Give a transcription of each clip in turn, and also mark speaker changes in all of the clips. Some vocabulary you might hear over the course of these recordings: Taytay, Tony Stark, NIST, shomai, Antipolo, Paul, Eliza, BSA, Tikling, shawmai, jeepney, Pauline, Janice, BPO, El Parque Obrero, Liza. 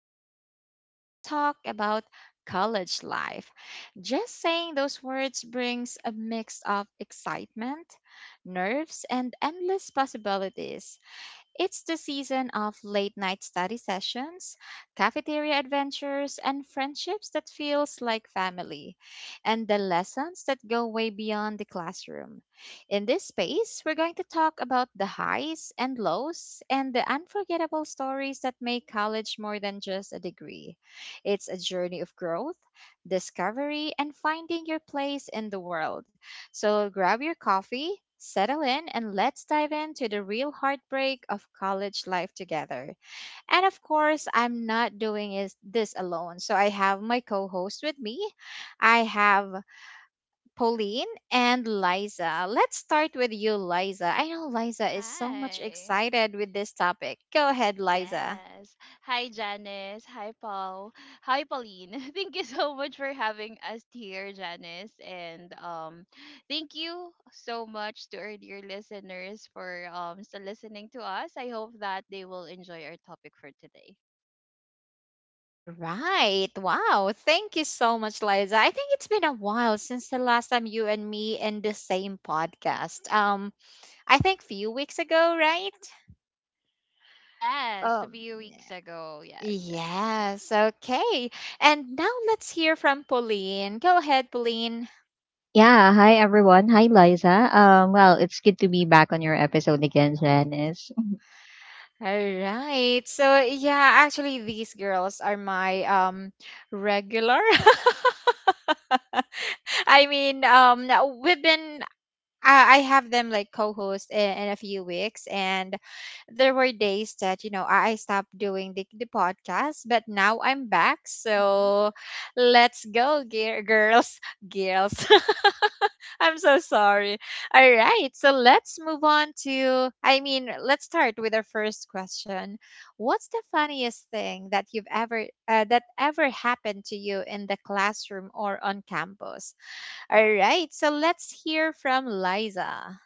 Speaker 1: episode, we're going to talk about college life. Just saying those words brings a mix of excitement, nerves, and endless possibilities. It's the season of late night study sessions, cafeteria adventures, and friendships that feels like family, and the lessons that go way beyond the classroom. In this space, we're going to talk about the highs and lows and the unforgettable stories that make college more than just a degree. It's a journey of growth, discovery, and finding your place in the world. So grab your coffee, settle in, and let's dive into the real heartbreak of college life together. And of course, I'm not doing this alone. So I have my co host with me. I have Pauline and Liza. Let's start with you, Liza. I know Liza is so much
Speaker 2: Hi.
Speaker 1: excited with this topic. Go ahead, Liza.
Speaker 2: Yes. Hi, Janice. Hi, Paul. Hi, Pauline. Thank you so much for having us here, Janice. And Thank you so much to our dear listeners for still listening to us. I hope that they will enjoy our topic for today.
Speaker 1: All right. Wow. Thank you so much, Liza. I think it's been a while since the last time you and me in the same podcast. I think few weeks ago, right?
Speaker 2: Yes, a
Speaker 1: Um,
Speaker 2: few weeks ago. Yes, Janice.
Speaker 1: yes, okay. And now let's hear from Pauline. Go ahead, Pauline.
Speaker 3: Yeah, hi everyone. Hi Liza. Well, it's good to be back on your episode again, Janice.
Speaker 1: All right. So yeah, actually, these girls are my regular. I mean, um, we've been I have them like co-host in a few weeks, and there were days that you know I stopped doing the podcast, but now I'm back.
Speaker 2: Mm-hmm.
Speaker 1: So let's go, gear, girls, girls. I'm so sorry. All right, so let's move on to. I mean, let's start with our first question. What's the funniest thing that you've ever that ever happened to you in the classroom or on campus? All right, so let's hear from Liza.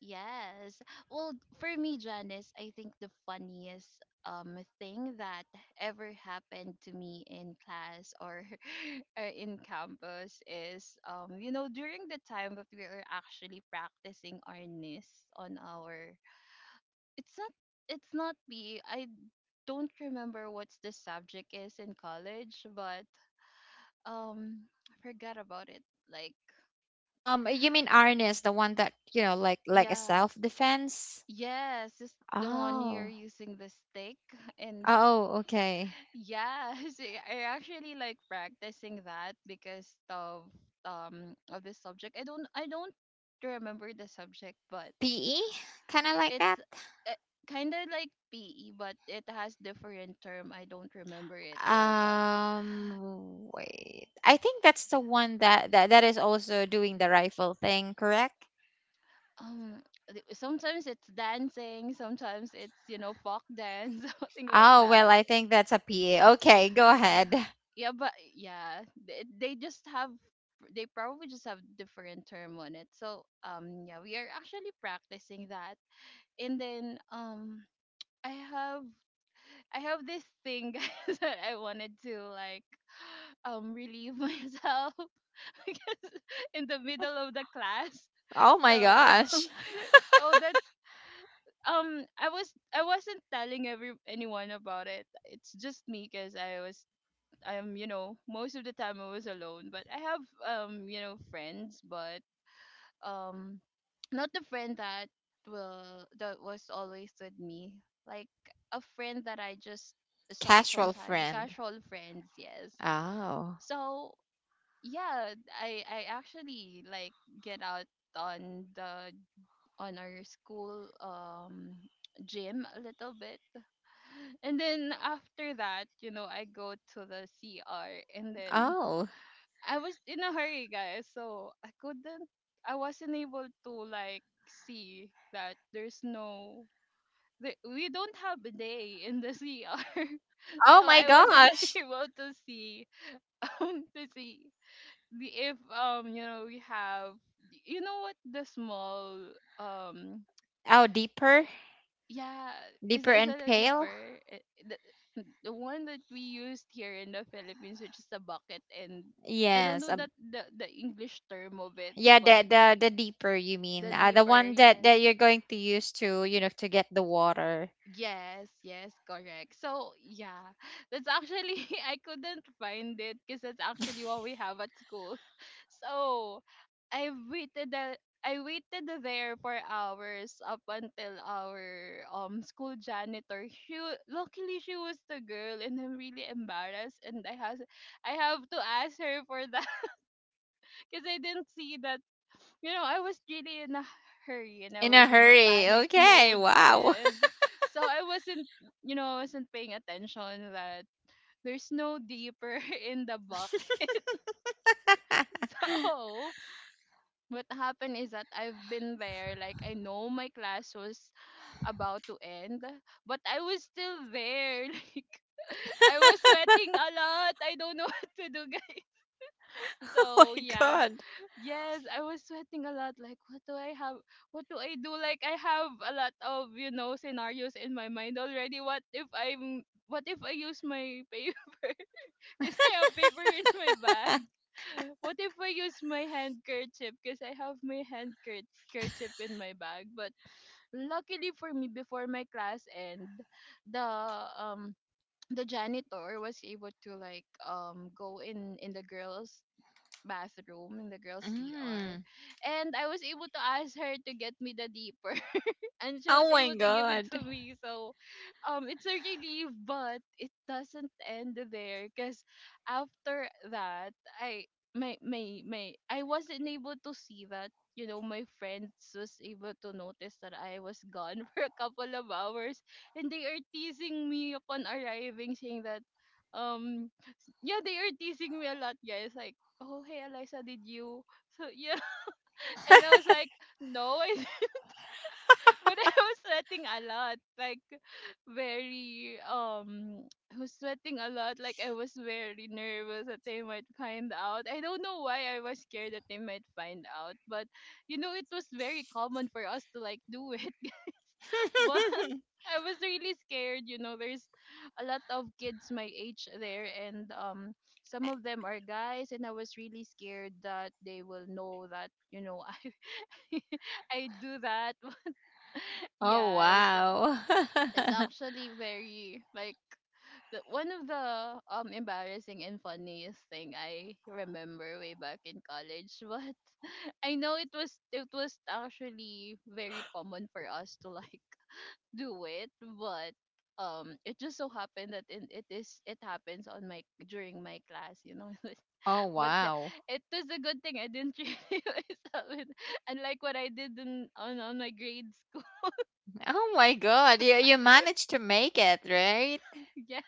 Speaker 2: Yes. Well, for me, Janice, I think the funniest thing that ever happened to me in class or in campus is you know during the time that we are actually practicing our NIST on our it's not it's not PE. I don't remember what's the subject is in college, but I forgot about it. Like
Speaker 1: You mean Arnis, the one that, you know, like a
Speaker 2: yeah,
Speaker 1: self-defense?
Speaker 2: yes, just the one you're
Speaker 1: Oh.
Speaker 2: using the stick and
Speaker 1: Oh, okay.
Speaker 2: yes, I actually like practicing that because of the subject. I don't remember the subject, but
Speaker 1: PE? Kind of like
Speaker 2: it's
Speaker 1: that?
Speaker 2: uh, kind of like PE, but it has different term. I don't remember it though, but
Speaker 1: Wait. I think that's the one that is also doing the rifle thing, correct?
Speaker 2: um sometimes it's dancing, sometimes it's you know folk dance, something like
Speaker 1: Oh, well,
Speaker 2: that.
Speaker 1: I think that's a PA. Okay, go ahead.
Speaker 2: Yeah, they just have they probably just have different term on it. So yeah, we are actually practicing that. And then I have I have this thing guys that I wanted to like relieve myself because in the middle of the class.
Speaker 1: Oh my
Speaker 2: So
Speaker 1: gosh.
Speaker 2: so that's I wasn't telling every anyone about it. It's just me because I was you know most of the time I was alone but I have you know friends but um not the friend that will that was always with me like a friend that I just saw
Speaker 1: Casual
Speaker 2: sometime
Speaker 1: friend.
Speaker 2: casual friends yes
Speaker 1: Oh.
Speaker 2: so yeah I actually like get out on the on our school gym a little bit, and then after that, you know, I go to the CR. And then
Speaker 1: Oh.
Speaker 2: I was in a hurry, guys, so I couldn't. I wasn't able to like see that there's no. There, we don't have a day in the CR,
Speaker 1: Oh
Speaker 2: so
Speaker 1: my
Speaker 2: I wasn't
Speaker 1: gosh.
Speaker 2: able to see the if you know we have you know what the small um
Speaker 1: Oh, deeper,
Speaker 2: yeah,
Speaker 1: deeper
Speaker 2: is
Speaker 1: and
Speaker 2: that a
Speaker 1: pale.
Speaker 2: deeper? Eh, the one that we used here in the Philippines, which is the bucket, and I don't know
Speaker 1: Yes. A,
Speaker 2: that the English term of it,
Speaker 1: yeah, the
Speaker 2: but
Speaker 1: the the deeper you
Speaker 2: the
Speaker 1: mean, the
Speaker 2: deeper,
Speaker 1: one that
Speaker 2: yes.
Speaker 1: that you're going to use to you know to get the water
Speaker 2: Yes, yes, correct. So, yeah, that's actually, I couldn't find it because that's actually what we have at school. So, I waited the I waited there for hours up until our school janitor. Luckily she was the girl, and I'm really embarrassed, and I have to ask her for that because I didn't see that, you know, I was really in a hurry and I
Speaker 1: in a
Speaker 2: was in a
Speaker 1: hurry.
Speaker 2: panic
Speaker 1: Okay,
Speaker 2: mode,
Speaker 1: wow.
Speaker 2: yes. So I wasn't, you know, I wasn't paying attention that there's no deeper in the bucket. So what happened is that I've been there, like I know my class was about to end, but I was still there. Like I was sweating a lot. I don't know what to do, guys.
Speaker 1: Oh
Speaker 2: So
Speaker 1: my
Speaker 2: yeah.
Speaker 1: god.
Speaker 2: Yes, I was sweating a lot. Like, what do I have? What do I do? Like, I have a lot of, you know, scenarios in my mind already. What if I use my paper? Because I have paper in my bag. What if I use my handkerchief? Because I have my handkerchief in my bag. But luckily for me, before my class end, the, um, the janitor was able to like go in the girls bathroom in the girls' CR.
Speaker 1: Mm.
Speaker 2: And I was able to ask her to get me the deeper, and she was
Speaker 1: Oh my
Speaker 2: able to give it
Speaker 1: god.
Speaker 2: to me. So, it's a relief, but it doesn't end there because after that, I my my my I wasn't able to see that. You know, my friends was able to notice that I was gone for a couple of hours, and they are teasing me upon arriving, saying that, yeah, they are teasing me a lot, guys. Like, oh, hey, Eliza, did you? So yeah, and I was like, no, I but I was sweating a lot, like very I was sweating a lot. Like I was very nervous that they might find out. I don't know why I was scared that they might find out, but you know it was very common for us to like do it. But I was really scared. You know, there's a lot of kids my age there, and some of them are guys, and I was really scared that they will know that you know I I do that.
Speaker 1: Oh
Speaker 2: Yes.
Speaker 1: wow.
Speaker 2: It's actually very like one of the embarrassing and funniest thing I remember way back in college. But I know it was actually very common for us to like do it, but it just so happened that it is it happens on my during my class you know.
Speaker 1: Oh
Speaker 2: But
Speaker 1: wow.
Speaker 2: it was a good thing I didn't really myself it, unlike what I did in, on my grade school.
Speaker 1: Oh my god. You managed to make it, right?
Speaker 2: Yes,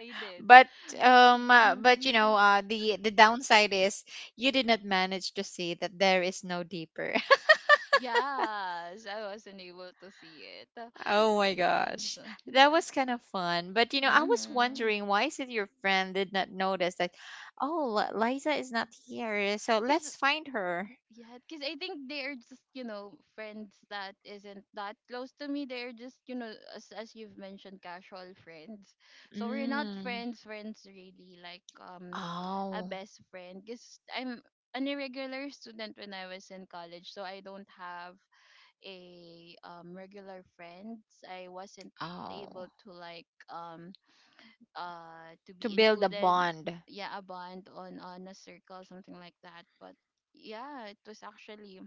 Speaker 2: I did.
Speaker 1: But but you know, the downside is you did not manage to see that there is no deeper.
Speaker 2: Yes, I wasn't able to see it.
Speaker 1: Oh my gosh.
Speaker 2: Yes.
Speaker 1: That was kind of fun. But you know, I was
Speaker 2: Mm-hmm.
Speaker 1: wondering why is it your friend did not notice that, oh, Liza is not here, so
Speaker 2: Cause
Speaker 1: let's find her.
Speaker 2: yeah, cause I think they're just you know friends that isn't that close to me. They're just you know as you've mentioned, casual friends. So we're not
Speaker 1: Mm.
Speaker 2: friends, friends really like a
Speaker 1: Oh,
Speaker 2: best friend. Cause I'm an irregular student when I was in college, so I don't have a regular friends. I wasn't able
Speaker 1: oh.
Speaker 2: to like to
Speaker 1: To
Speaker 2: be
Speaker 1: build a
Speaker 2: included,
Speaker 1: bond.
Speaker 2: yeah, a bond on a circle something like that but yeah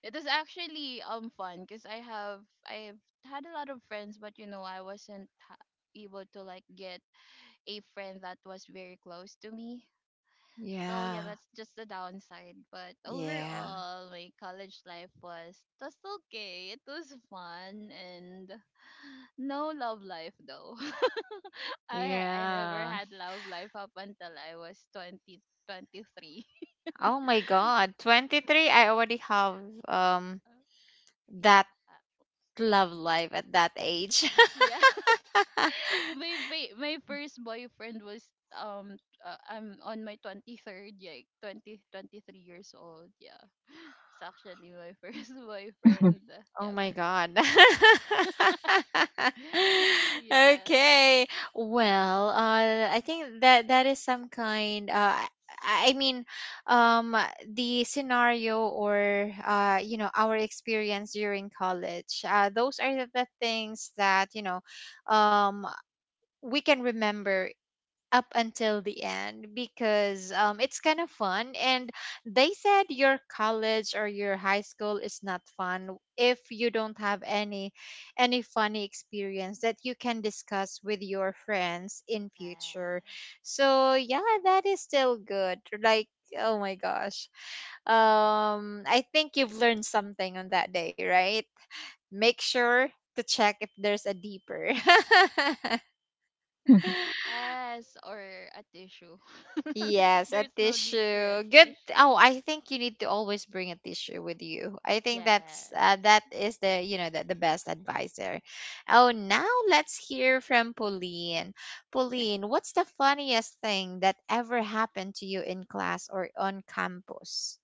Speaker 2: it was actually fun because I have I've had a lot of friends but you know I wasn't ha- able to like get a friend that was very close to me. So yeah,
Speaker 1: Yeah.
Speaker 2: that's just the downside, but
Speaker 1: Yeah.
Speaker 2: overall my college life was just okay. It was fun, and no love life though. I never
Speaker 1: Yeah.
Speaker 2: had love life up until I was twenty twenty three.
Speaker 1: Oh my God. 23, I already have um
Speaker 2: Yeah.
Speaker 1: that love life at that age.
Speaker 2: Yeah. My first boyfriend was I'm on my 23rd, like 20 23 years old. Yeah. It's actually my first boyfriend.
Speaker 1: Oh
Speaker 2: Yeah.
Speaker 1: my
Speaker 2: For,
Speaker 1: God.
Speaker 2: yeah.
Speaker 1: Okay. Well, I think that that is some kind, I mean, um, the scenario or, you know, our experience during college. Those are the things that, you know, um, we can remember up until the end because it's kind of fun. And they said your college or your high school is not fun if you don't have any funny experience that you can discuss with your friends in
Speaker 2: Yes.
Speaker 1: future. So yeah, that is still good. Like oh my gosh, I think you've learned something on that day, right? Make sure to check if there's a deeper.
Speaker 2: Yes, or a tissue. If
Speaker 1: Yes, a
Speaker 2: there's no need for a
Speaker 1: tissue. Good.
Speaker 2: tissue.
Speaker 1: Oh, I think you need to always bring a tissue with you. I think that's
Speaker 2: Yes.
Speaker 1: that is the you know the best advice there. Oh, now let's hear from Pauline. Pauline, what's the funniest thing that ever happened to you in class or on campus?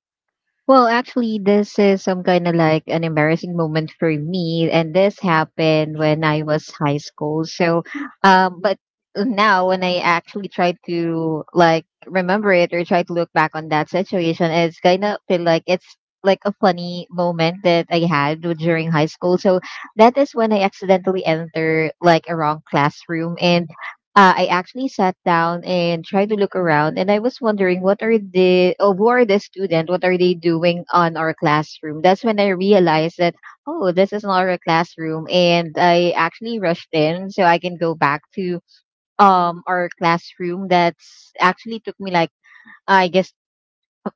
Speaker 3: Well, actually, this is some kind of like an embarrassing moment for me, and this happened when I was high school. So, but now when I actually try to like remember it or try to look back on that situation, it's kind of feel like it's like a funny moment that I had during high school. So that is when I accidentally enter like a wrong classroom. And I actually sat down and tried to look around, and I was wondering what are the oh, who are the student? What are they doing on our classroom? That's when I realized that oh, this is not our classroom, and I actually rushed in so I can go back to our classroom. That's actually took me like I guess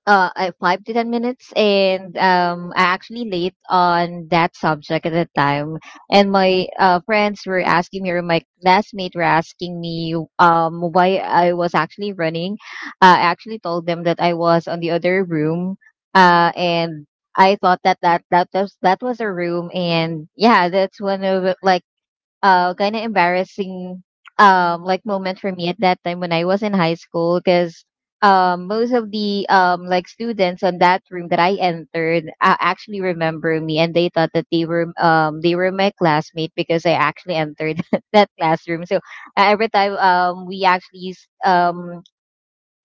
Speaker 3: 5 to 10 minutes, and I actually late on that subject at the time. And my friends were asking me, or my classmates were asking me, why I was actually running. Uh, I actually told them that I was on the other room and I thought that that that was a room. And yeah, that's one of it, like kind of embarrassing like moment for me at that time when I was in high school, because most of the like students on that room that I entered actually remember me, and they thought that they were my classmate because I actually entered that classroom. So every time we actually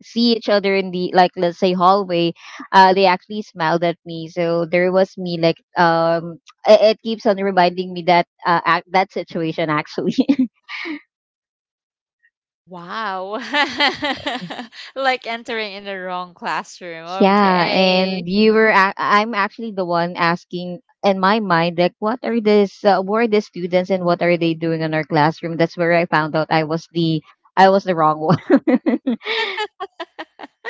Speaker 3: see each other in the, like, let's say, hallway, they actually smiled at me. So there was me like it keeps on reminding me that ac that situation actually
Speaker 1: Wow. Like entering in the wrong classroom.
Speaker 3: yeah.
Speaker 1: Okay.
Speaker 3: And I'm actually the one asking in my mind like, what are this who are the students and what are they doing in our classroom? That's where I found out I was the wrong one.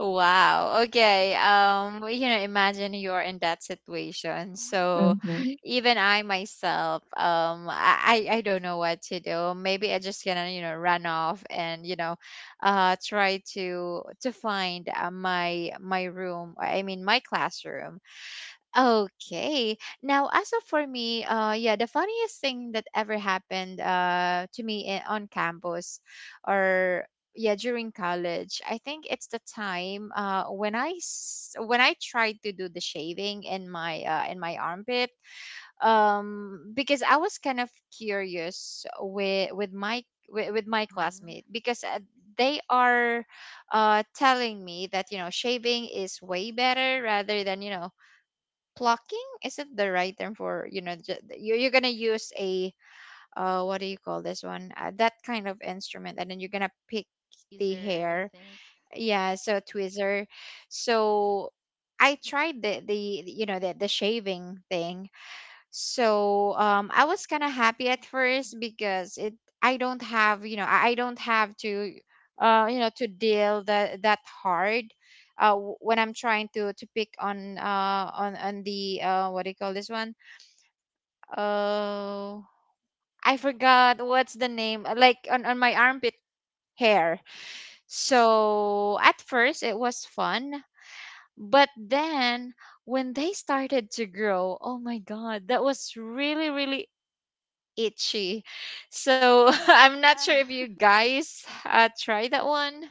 Speaker 1: Wow. Okay. You know, imagine you're in that situation. So
Speaker 3: Hmm.
Speaker 1: even I myself, I don't know what to do. Maybe I just gonna, you know, run off and, you know, try to find my my room, I mean my classroom. Okay. Now, as of for me, yeah, the funniest thing that ever happened to me on campus or yeah, during college, I think it's the time when I tried to do the shaving in my armpit because I was kind of curious with my with my
Speaker 2: Mm-hmm.
Speaker 1: classmate because they are telling me that you know shaving is way better rather than you know plucking isn't the right term for, you know, you you're gonna use a, what do you call this one? That kind of instrument, and then you're gonna pick the
Speaker 2: Tweezer, I
Speaker 1: hair.
Speaker 2: think.
Speaker 1: Yeah, so tweezer. So I tried the you know the shaving thing, so I was kind of happy at first because it I don't have you know I don't have to you know to deal that that hard, when I'm trying to pick on on the what do you call this one? Oh, I forgot what's the name like on my armpit hair. So at first it was fun, but then when they started to grow, oh my god, that was really really itchy. So I'm not
Speaker 2: Yeah.
Speaker 1: sure if you guys try that one.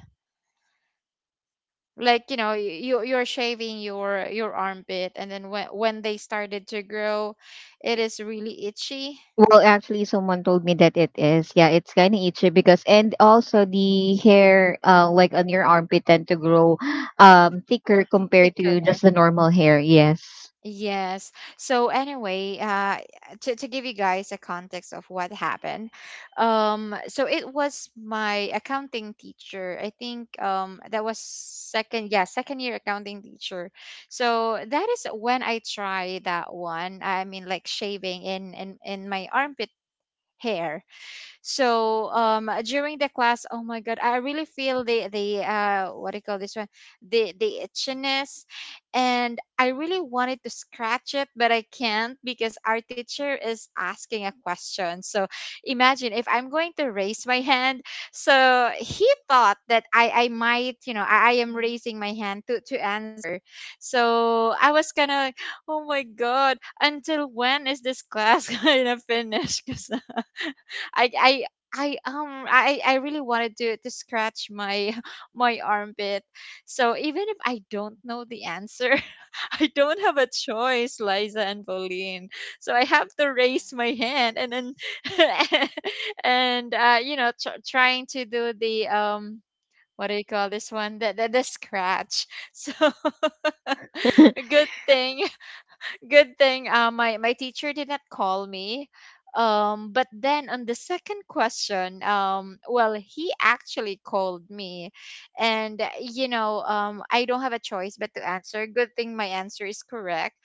Speaker 1: Like you know, you you're shaving your armpit, and then when they started to grow, it is really itchy,
Speaker 3: Well, actually, someone told me that it is. Yeah, it's kind of itchy because, and also the hair, like on your armpit, tend to grow, thicker compared
Speaker 1: thicker.
Speaker 3: to just the normal hair. Yes.
Speaker 1: Yes. So anyway, to give you guys a context of what happened, so it was my accounting teacher. I think that was second year accounting teacher. So that is when I tried that one. I mean, like shaving in my armpit hair, so during the class, oh my god, I really feel the what do you call this one? The itchiness, and I really wanted to scratch it, but I can't because our teacher is asking a question. So imagine if I'm going to raise my hand. So he thought that I might, you know, I am
Speaker 2: Hmm.
Speaker 1: raising my hand to answer. So I was kind of like, oh my god, until when is this class gonna finish? Because I I I really wanted to scratch my my armpit. So even if I don't know the answer, I don't have a choice, Liza and Pauline. So I have to
Speaker 2: Yeah.
Speaker 1: raise my hand, and then and you know trying to do the what do you call this one? The the scratch. So a good thing good thing my my teacher did not call me. But then on the second question, well, he actually called me, and you know, I don't have a choice but to answer. Good thing my answer is correct.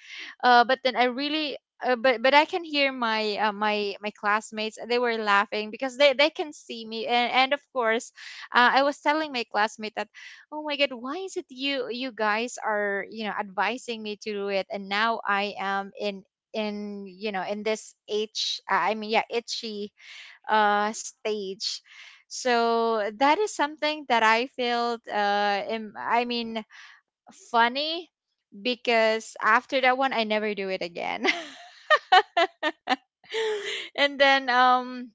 Speaker 1: But then I really. But I can hear my my my classmates. They were laughing because they can see me, and of course, I was telling my classmate at oh my god, why is it you you guys are, you know, advising me to do it, and now I am in you know in this itch I mean yeah itchy stage. So that is something that I felt funny, because after that one I never do it again. And then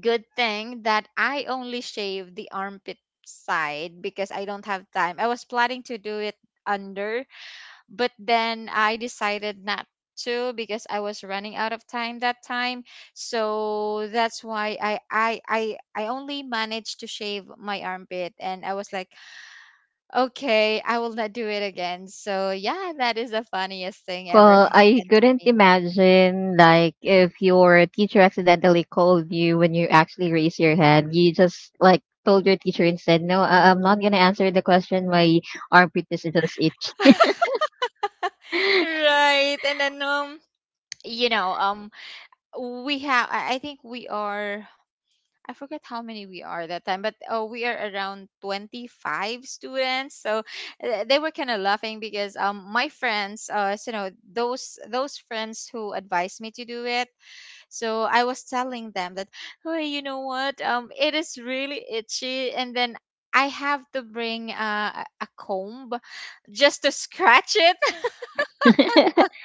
Speaker 1: good thing that I only shaved the armpit side because I don't have time. I was planning to do it under, but then I decided not to because I was running out of time that time. So that's why I only managed to shave my armpit, and I was like, okay, I will not do it again. So yeah, that is the funniest thing ever
Speaker 3: Well, I
Speaker 1: happened to
Speaker 3: couldn't
Speaker 1: me.
Speaker 3: imagine like if your teacher accidentally called you when you actually raise your hand, you just like told your teacher and said, "No, I'm not gonna answer the question. My armpit is just itch."
Speaker 1: Right. And then you know, we have I think we are I forget how many we are that time, but oh, we are around 25 students. So they were kind of laughing because my friends, so, you know, those friends who advised me to do it. So I was telling them that, oh, you know what, it is really itchy, and then I have to bring a comb just to scratch it.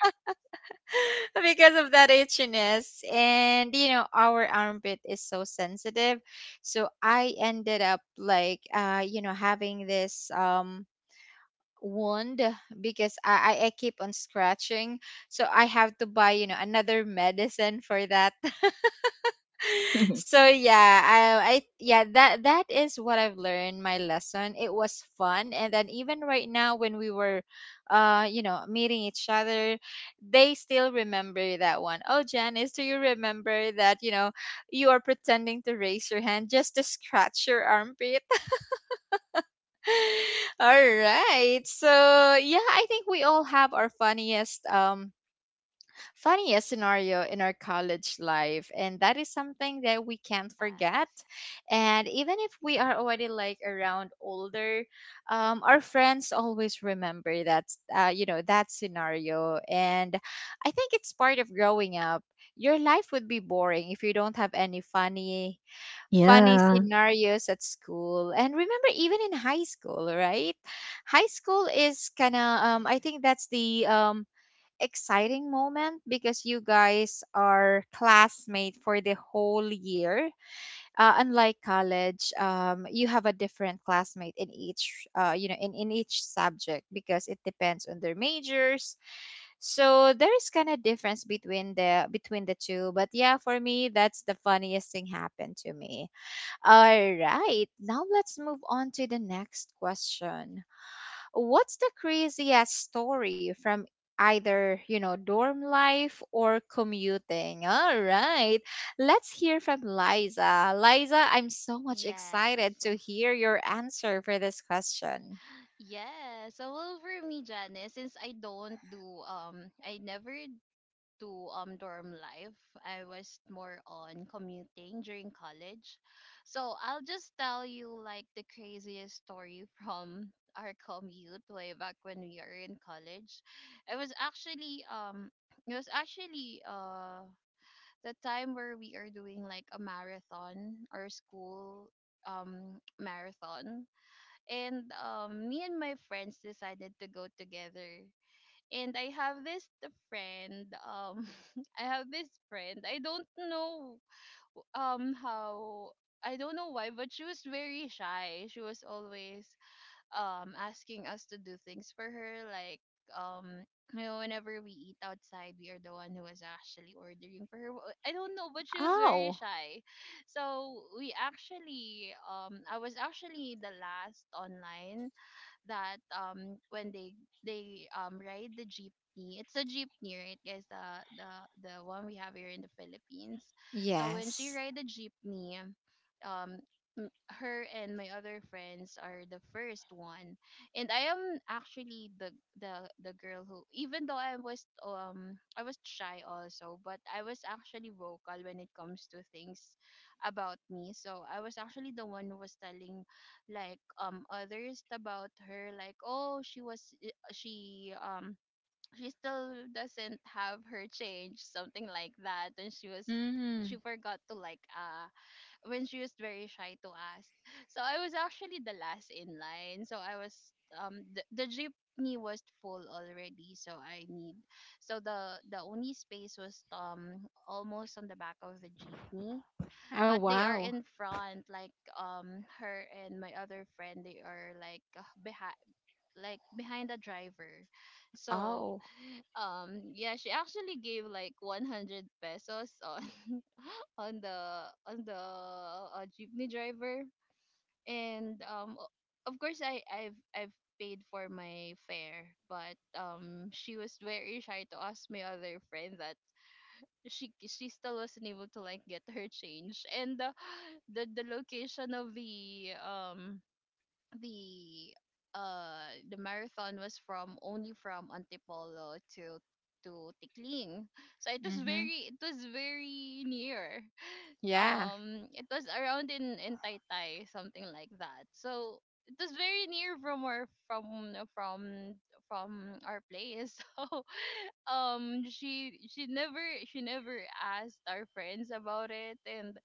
Speaker 1: because of that itchiness. And you know, our armpit is so sensitive, so I ended up like having this wound because I keep on scratching. So I have to buy another medicine for that. So yeah, I yeah, that is what I've learned. My lesson. It was fun, and then even right now when we were, meeting each other, they still remember that one. Oh, Janice, do you remember that? You are pretending to raise your hand just to scratch your armpit. All right. So yeah, I think we all have our funniest scenario in our college life, and that is something that we can't forget.
Speaker 2: Yes.
Speaker 1: And even if we are already like around older, our friends always remember that that scenario. And I think it's part of growing up. Your life would be boring if you don't have any funny
Speaker 3: Yeah.
Speaker 1: scenarios at school. And remember, even in high school, right? High school is kind of
Speaker 2: Correct.
Speaker 1: I think that's the exciting moment because you guys are classmate for the whole year. Unlike college, you have a different classmate in each, in each subject because it depends on their majors. So there's kind of difference between the two. But yeah, for me, that's the funniest thing happened to me. All right, now let's move on to the next question. What's the craziest story from either, dorm life or commuting? All right. Let's hear from Liza. Liza, I'm so much excited
Speaker 2: Yes.
Speaker 1: to hear your answer for this question.
Speaker 2: Yes. So well for me, Janice, since I don't do I never do dorm life. I was more on commuting during college. So I'll just tell you like the craziest story from our commute way back when we are in college. It was actually um it was actually the time where we are doing like a marathon or school marathon, and me and my friends decided to go together, and I have this the friend I have this friend, I don't know how, I don't know why, but she was very shy. She was always asking us to do things for her, like um you know, whenever we eat outside we are the one who was actually ordering for her. I don't know, but she was very
Speaker 1: Oh,
Speaker 2: shy. So we actually I was actually the last online that when they ride the jeepney. It's a jeepney, right guys, the the one we have here in the Philippines. So when she
Speaker 1: yes.
Speaker 2: ride the jeepney, um her and my other friends are the first one, and I am actually the girl who, even though I was shy also, but I was actually vocal when it comes to things about me. So I was actually the one who was telling like others about her, like oh, she was she still doesn't have her change, something like that, and she was she
Speaker 1: Mm-hmm.
Speaker 2: forgot to like when she was very shy to ask. So I was actually the last in line, so I was the jeepney was full already, so I need, so the only space was almost on the back of the jeepney,
Speaker 1: Oh,
Speaker 2: but they are
Speaker 1: wow.
Speaker 2: in front, like her and my other friend, they are like behind, like behind the driver. So
Speaker 1: Oh.
Speaker 2: yeah, she actually gave like 100 pesos on on the jeepney driver, and of course I've paid for my fare, but she was very shy to ask my other friend that she still wasn't able to like get her change and the The location of the the marathon was from only from Antipolo to Tikling, so it was
Speaker 1: Mm-hmm.
Speaker 2: very, it was very near.
Speaker 1: Yeah.
Speaker 2: It was around in Taytay, something like that. So it was very near from our place so um she she never she never asked our friends about it, and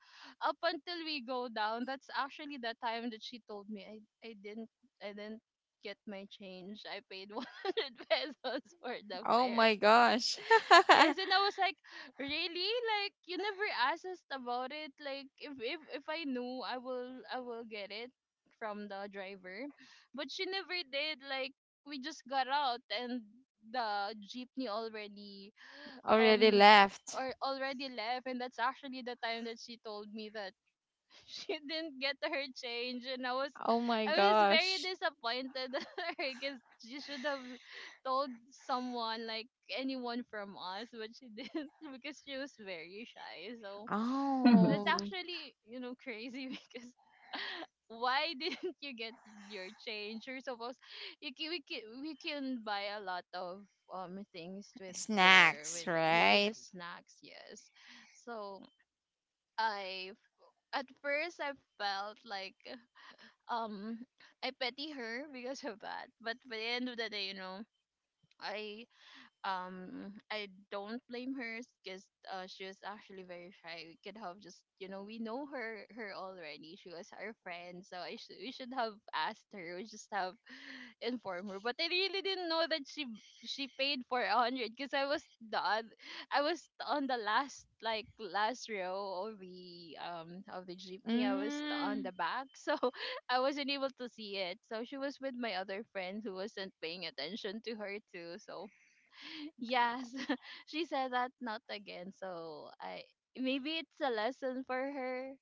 Speaker 2: up until we go down, that's actually the time that she told me, i didn't I didn't get my change. I paid 100 pesos for the
Speaker 1: Oh
Speaker 2: fare.
Speaker 1: my gosh.
Speaker 2: Yes, and I was like, really? Like, you never asked us about it. Like, if I knew, I will get it from the driver, but she never did. Like, we just got out and the jeepney already
Speaker 1: Already
Speaker 2: um
Speaker 1: left.
Speaker 2: or already left, and that's actually the time that she told me that she didn't get her change. And I was,
Speaker 1: Oh my
Speaker 2: I was very
Speaker 1: gosh.
Speaker 2: disappointed at her, because she should have told someone, like anyone from us, but she didn't because she was very shy. So that's
Speaker 1: Oh,
Speaker 2: actually, crazy because why didn't you get your change? You're supposed, you can, we can buy a lot of things with your
Speaker 1: snacks,
Speaker 2: with you with
Speaker 1: right?
Speaker 2: the snacks. Yes. So I, at first, I felt like, um I pity her because of that. But by the end of the day, you know, I, I don't blame her because she was actually very shy. We could have just, you know, we know her already. She was our friend, so I should we should have asked her. We just have informed her. But I really didn't know that she paid for a hundred because I was the I was on the last, like, last row of the jeepney. I was on
Speaker 1: Mm,
Speaker 2: the back, so I wasn't able to see it. So she was with my other friend, who wasn't paying attention to her too. So yes, she said that not again. So I, maybe it's a lesson for her,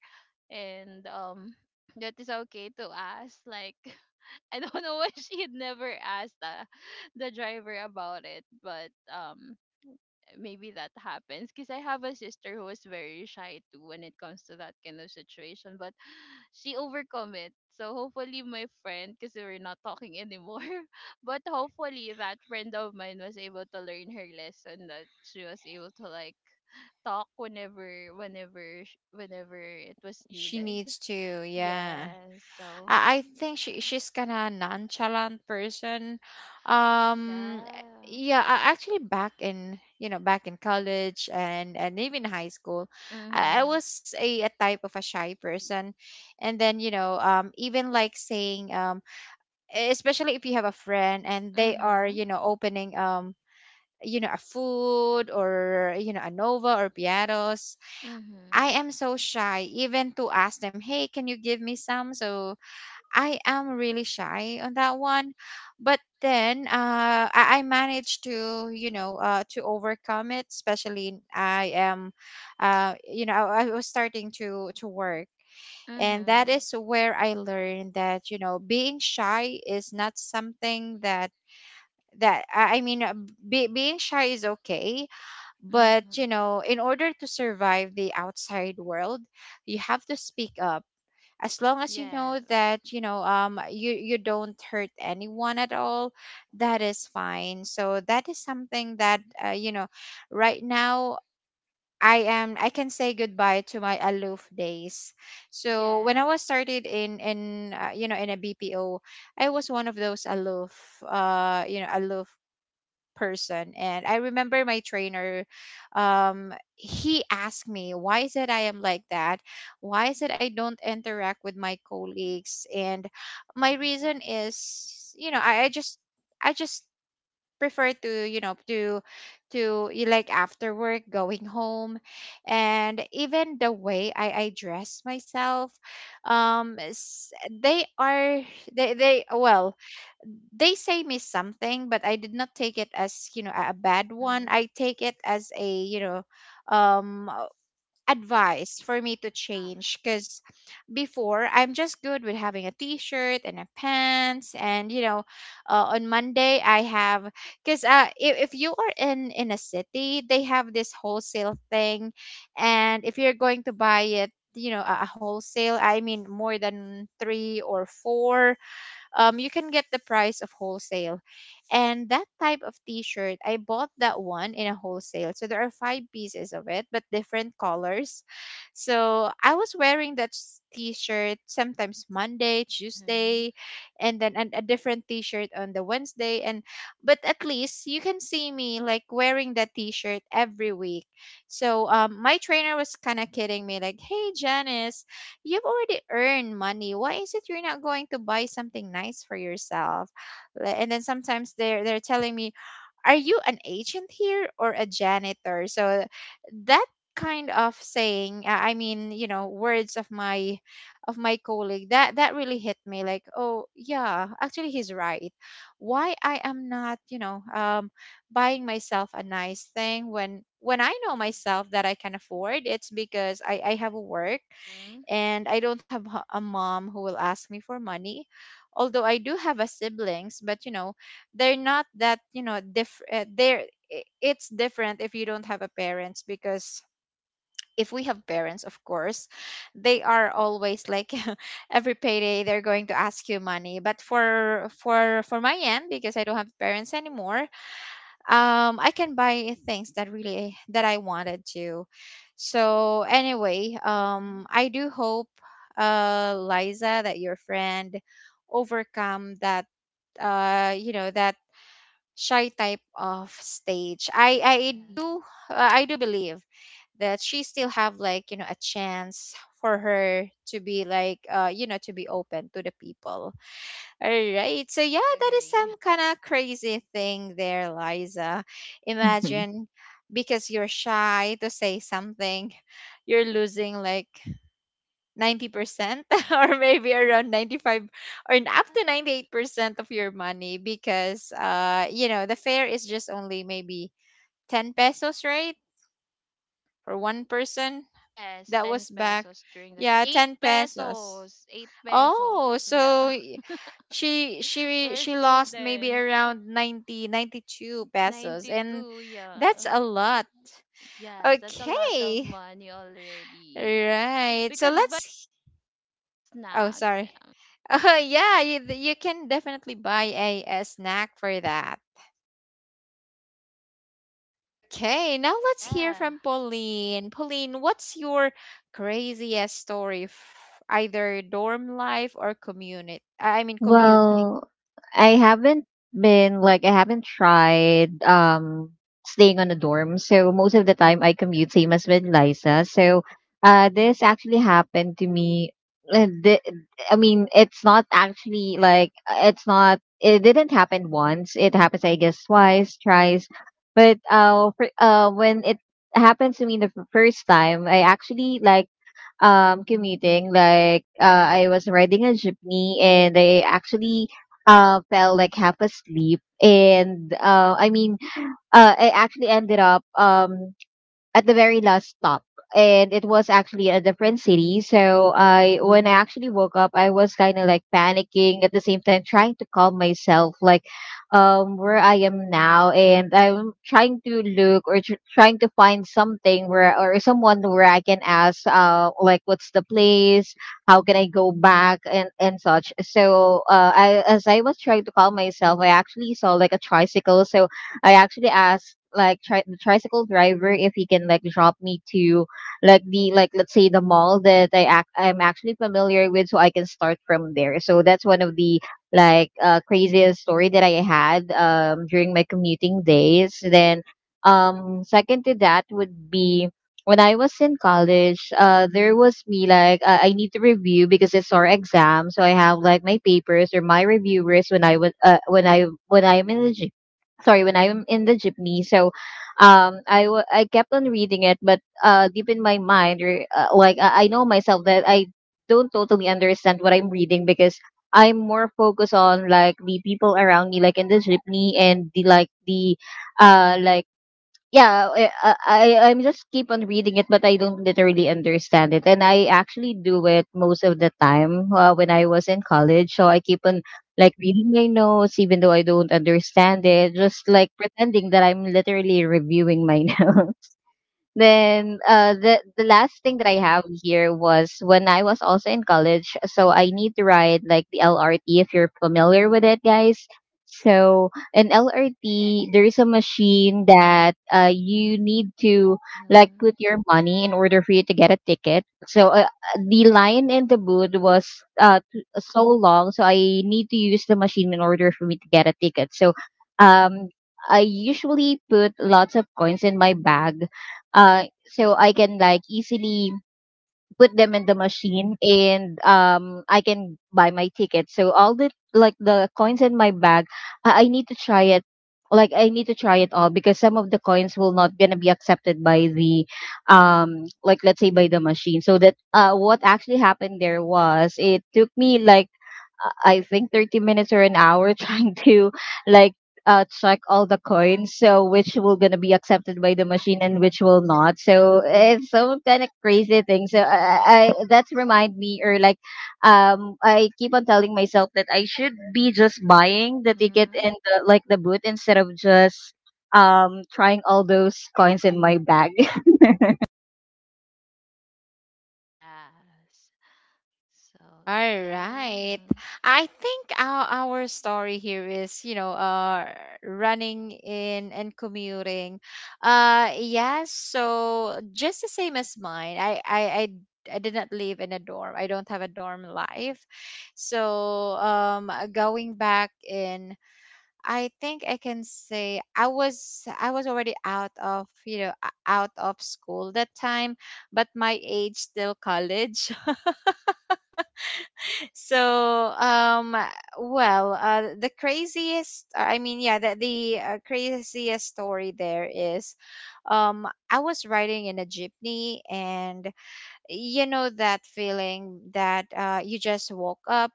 Speaker 2: and that is okay to ask. Like, I don't know why she had never asked the driver about it. But maybe that happens because I have a sister who is very shy too when it comes to that kind of situation. But she overcome it. So hopefully my friend, because we're not talking anymore, but hopefully that friend of mine was able to learn her lesson, that she was able to, like, talk whenever, whenever, whenever it was
Speaker 1: she
Speaker 2: needed.
Speaker 1: needs to, yeah.
Speaker 2: Yeah. So
Speaker 1: I think she's kind of nonchalant person. Um,
Speaker 2: yeah.
Speaker 1: yeah, I, actually back in, back in college and even high school, I
Speaker 2: Mhm.
Speaker 1: was a type of a shy person. And then, you know, even like saying, e, especially if you have a friend and they are,
Speaker 2: Mhm.
Speaker 1: you know, opening, you know, a food or, you know, a Nova or Piatos. I
Speaker 2: Mhm.
Speaker 1: am so shy even to ask them, "Hey, can you give me some?" So I am really shy on that one. But then I managed to, you know, to overcome it. Especially I am, you know, I was starting to work, and that
Speaker 2: Mhm.
Speaker 1: is where I learned that you know being shy is not something that that be, being shy is okay, but,
Speaker 2: Mhm.
Speaker 1: you know, in order to survive the outside world, you have to speak up. As long as you know
Speaker 2: Yes.
Speaker 1: that, you know, you, you don't hurt anyone at all, that is fine. So that is something that, you know, right now I am, I can say goodbye to my aloof days. So when I was
Speaker 2: Yes.
Speaker 1: started in, you know, in a BPO, I was one of those aloof, you know, aloof person. And I remember my trainer, he asked me why is it I am like that, why is it I don't interact with my colleagues. And my reason is, you know, I just prefer to you know to you like after work going home. And even the way I dress myself, they are, they well, they say me something but I did not take it as you know a bad one.
Speaker 2: Mhm.
Speaker 1: I take it as a you know um uh, advice for me to
Speaker 2: Yeah.
Speaker 1: change because before I'm just good with having a t-shirt and a pants. And you know, on Monday I have, because if you are in a city, they have this wholesale thing, and if you're going to buy it you know a wholesale, I mean, more than three or four, you can get the price of wholesale. And that type of t-shirt, I bought that one in a wholesale. So there are five pieces of it, but different colors. So I was wearing t-shirt sometimes Monday,
Speaker 2: Mhm.
Speaker 1: Tuesday, and then a different t-shirt on the Wednesday. And but at least you can see me like wearing that t-shirt every week. So my trainer was kind of kidding me like, "Hey, Janice. You've already earned money. Why is it you're not going to buy something nice for yourself?" And then sometimes they're telling me, "Are you an agent here or a janitor?" So that kind of saying, I mean, you know, words of my colleague that that really hit me. Like, oh yeah, actually he's right. Why I am not, you know, buying myself a nice thing when I know myself that I can afford, it's because I have a work,
Speaker 2: Mhm.
Speaker 1: and I don't have a mom who will ask me for money. Although I do have a siblings, but you know, they're not that, you know, different. They're it's different if you don't have a parents, because if we have parents, of course, they are always like every payday they're going to ask you money. But for my end, because I don't have parents anymore, I can buy things that really that I wanted to. So anyway,
Speaker 2: Mhm.
Speaker 1: um, I do hope, uh, Liza, that your friend overcome that
Speaker 2: Yeah.
Speaker 1: you know that shy type of stage. I do
Speaker 2: Yes,
Speaker 1: I do believe that she still have like you know a chance for her to be like you know to be open to the people. All right. So
Speaker 2: I
Speaker 1: yeah, that is
Speaker 2: agree.
Speaker 1: some kind of crazy thing there, Liza. Imagine, because you're shy to say something, you're losing like 90% or maybe around 95 or
Speaker 2: Yeah.
Speaker 1: up to 98% of your money because you know, the fare is just only maybe 10 pesos, right? For one person.
Speaker 2: Yes,
Speaker 1: That
Speaker 2: 10
Speaker 1: was back.
Speaker 2: pesos during that.
Speaker 1: Yeah,
Speaker 2: 8
Speaker 1: 10 pesos.
Speaker 2: pesos. 8 pesos.
Speaker 1: Oh,
Speaker 2: Yeah.
Speaker 1: she she
Speaker 2: We're
Speaker 1: she lost maybe
Speaker 2: students.
Speaker 1: around 90 92 pesos, and
Speaker 2: 92, yeah.
Speaker 1: that's a lot.
Speaker 2: Yes, that's a lot of
Speaker 1: Okay.
Speaker 2: money already. We
Speaker 1: Right. So
Speaker 2: could buy
Speaker 1: let's Oh,
Speaker 2: snacks.
Speaker 1: sorry.
Speaker 2: Yeah.
Speaker 1: Oh, yeah, you can definitely buy a snack for that. Okay, now let's hear
Speaker 2: Yeah.
Speaker 1: from Pauline. Pauline, what's your craziest story, either dorm life or commute? I mean, commute.
Speaker 3: Well, I haven't I haven't tried staying on a dorm. So most of the time I commute, same as with Liza. So this actually happened to me, uh, th- I mean, it's not actually, like, it's not, it didn't happen once. It happens, I guess, twice, thrice. But when it happens to me the first time, I actually like commuting like, I was riding a jeepney and I actually fell like half asleep, and I mean, I actually ended up at the very last stop, and it was actually a different city. So I when I actually woke up, I was kind of like panicking at the same time trying to calm myself, like, where I am now, and I'm trying to look or trying to find something where, or someone where I can ask like what's the place, how can I go back, and such. So I as I was trying to calm myself, I actually saw like a tricycle. So I actually asked like, the tricycle driver, if he can like drop me to, like, the, like, let's say, the mall that I'm actually familiar with, so I can start from there. So that's one of the, like, craziest story that I had during my commuting days. Then second to that would be when I was in college, there was me like, I need to review because it's our exam, so I have like my papers or my reviewers when I'm in the jeepney. So I kept on reading it, but deep in my mind, or like, I know myself that I don't totally understand what I'm reading because I'm more focused on like the people around me, like in the jeepney, and the, like the, like, yeah, I'm just keep on reading it, but I don't literally understand it. And I actually do it most of the time when I was in college, so I keep on like reading my notes even though I don't understand it, just like pretending that I'm literally reviewing my notes. Then the last thing that I have here was when I was also in college. So I need to ride like the LRT if you're familiar with it, guys. So in LRT, there is a machine that you need to like
Speaker 2: Mhm.
Speaker 3: put your money in order for you to get a ticket. So the line in the booth was so long, so I need to use the machine in order for me to get a ticket. So um, I usually put lots of coins in my bag, so I can like easily put them in the machine, and I can buy my ticket. So all the coins in my bag, I need to try it. Like I need to try it all, because some of the coins will not gonna be accepted by the, like, let's say, by the machine. So that what actually happened there was, it took me like, I think, 30 minutes or an hour trying to like check all the coins, so which will gonna be accepted by the machine and which will not. So it's some kind of crazy thing. So that's remind me, or like, I keep on telling myself that I should be just buying the ticket
Speaker 2: Mhm.
Speaker 3: and the, like the boot, instead of just trying all those coins in my bag.
Speaker 2: Yes. So,
Speaker 1: All right.
Speaker 2: yeah.
Speaker 1: I think our story here is, you know, running in and commuting. Yes, so just the same as mine. I did not live in a dorm. I don't have a dorm life. So, um, going back in, I think I can say I was already out of, you know, out of school that time, but my age still college. So, well, the craziest, I mean, yeah, the craziest story there is, I was riding in a jeepney, and you know that feeling that you just woke up,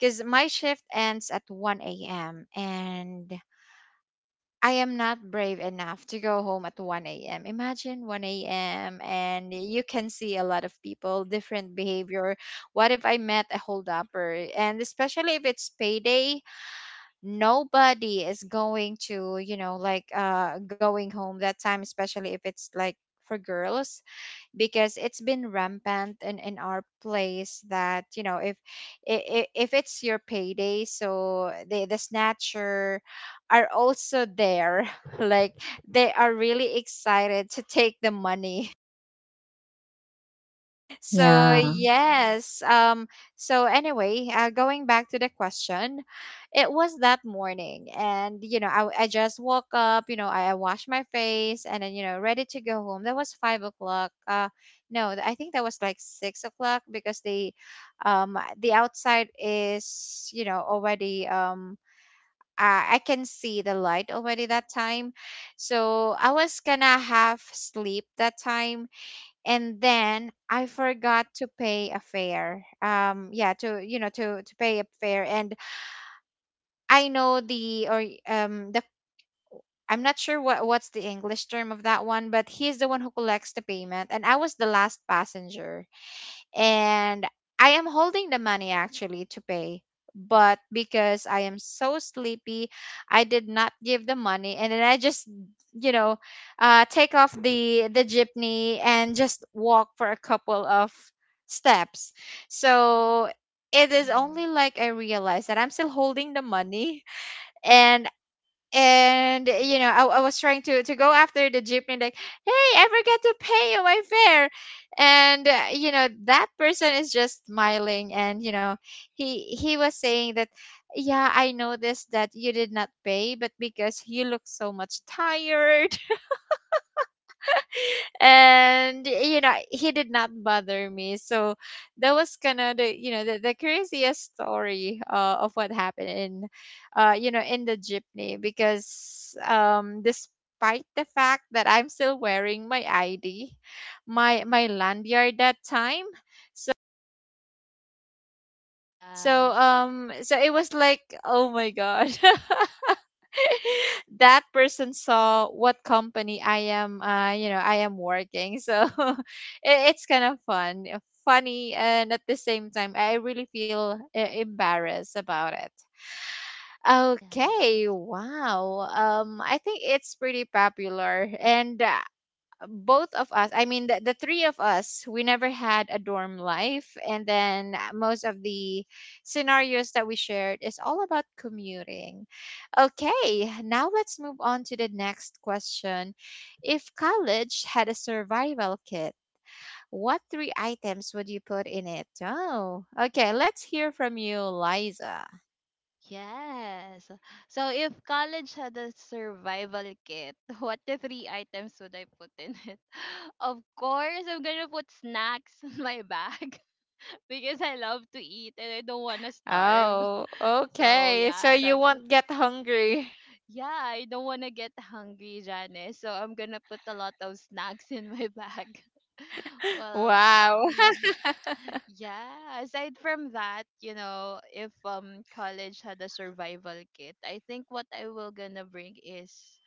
Speaker 1: because my shift ends at 1 a.m. and I am not brave enough to go home at 1 a.m. Imagine 1 a.m. and you can see a lot of people, different behavior. What if I met a holdupper? And especially if it's payday, nobody is going to, you know, like going home that time, especially if it's like for girls, because it's been rampant in our place that you know if if it's your payday, so the snatcher are also there like they are really excited to take the money. So
Speaker 3: Yeah.
Speaker 2: Yes.
Speaker 1: yes, um, so anyway, going back to the question, it was that morning, and you know, I just woke up, you know, I washed my face and then you know, ready to go home. That was 5 o'clock. No, I think that was like 6 o'clock because the outside is, you know, already I can see the light already that time. So I was gonna have sleep that time, and then I forgot to pay a fare. Yeah, to you know to pay a fare, and I know the or the I'm not sure what what's the English term of that one, but he's the one who collects the payment, and I was the last passenger, and I am holding the money actually to pay. But because I am so sleepy, I did not give the money, and then I just, you know, take off the jeepney and just walk for a couple of steps. So it is
Speaker 2: Mhm.
Speaker 1: only like I realized that I'm still holding the money, and and I was trying to go after the jeepney like, "Hey, I forgot to pay you my fare." And you know, that person is just smiling, and you know, he was saying that, "Yeah, I noticed that you did not pay, but because you look so much tired." And you know, he did not bother me. So that was kind of the, the craziest story of what happened in, you know, in the jeepney, because despite the fact that I'm still wearing my ID, my lanyard that time. so
Speaker 2: Yes.
Speaker 1: um so it was like, "Oh my God." That person saw what company I am, you know, I am working. So it's kind of fun, funny, and at the same time I really feel embarrassed about it. Okay,
Speaker 2: Yes.
Speaker 1: wow. I think it's pretty popular. And both of us, I mean, the three of us, we never had a dorm life. And then most of the scenarios that we shared is all about commuting. Okay, now let's move on to the next question. If college had a survival kit, what three items would you put in it? Oh, okay, let's hear from you, Liza.
Speaker 2: Yes. So if college had a survival kit, what the three items would I put in it? Of course, I'm gonna put snacks in my bag because I love to eat and I don't wanna starve.
Speaker 1: Oh,
Speaker 2: So
Speaker 1: okay, so
Speaker 2: yeah,
Speaker 1: you
Speaker 2: that's,
Speaker 1: won't get hungry.
Speaker 2: yeah, I don't wanna get hungry, Janice. So I'm gonna put a lot of snacks in my bag. Well,
Speaker 1: Wow.
Speaker 2: yeah, aside from that, you know, if college had a survival kit, I think what I will gonna bring is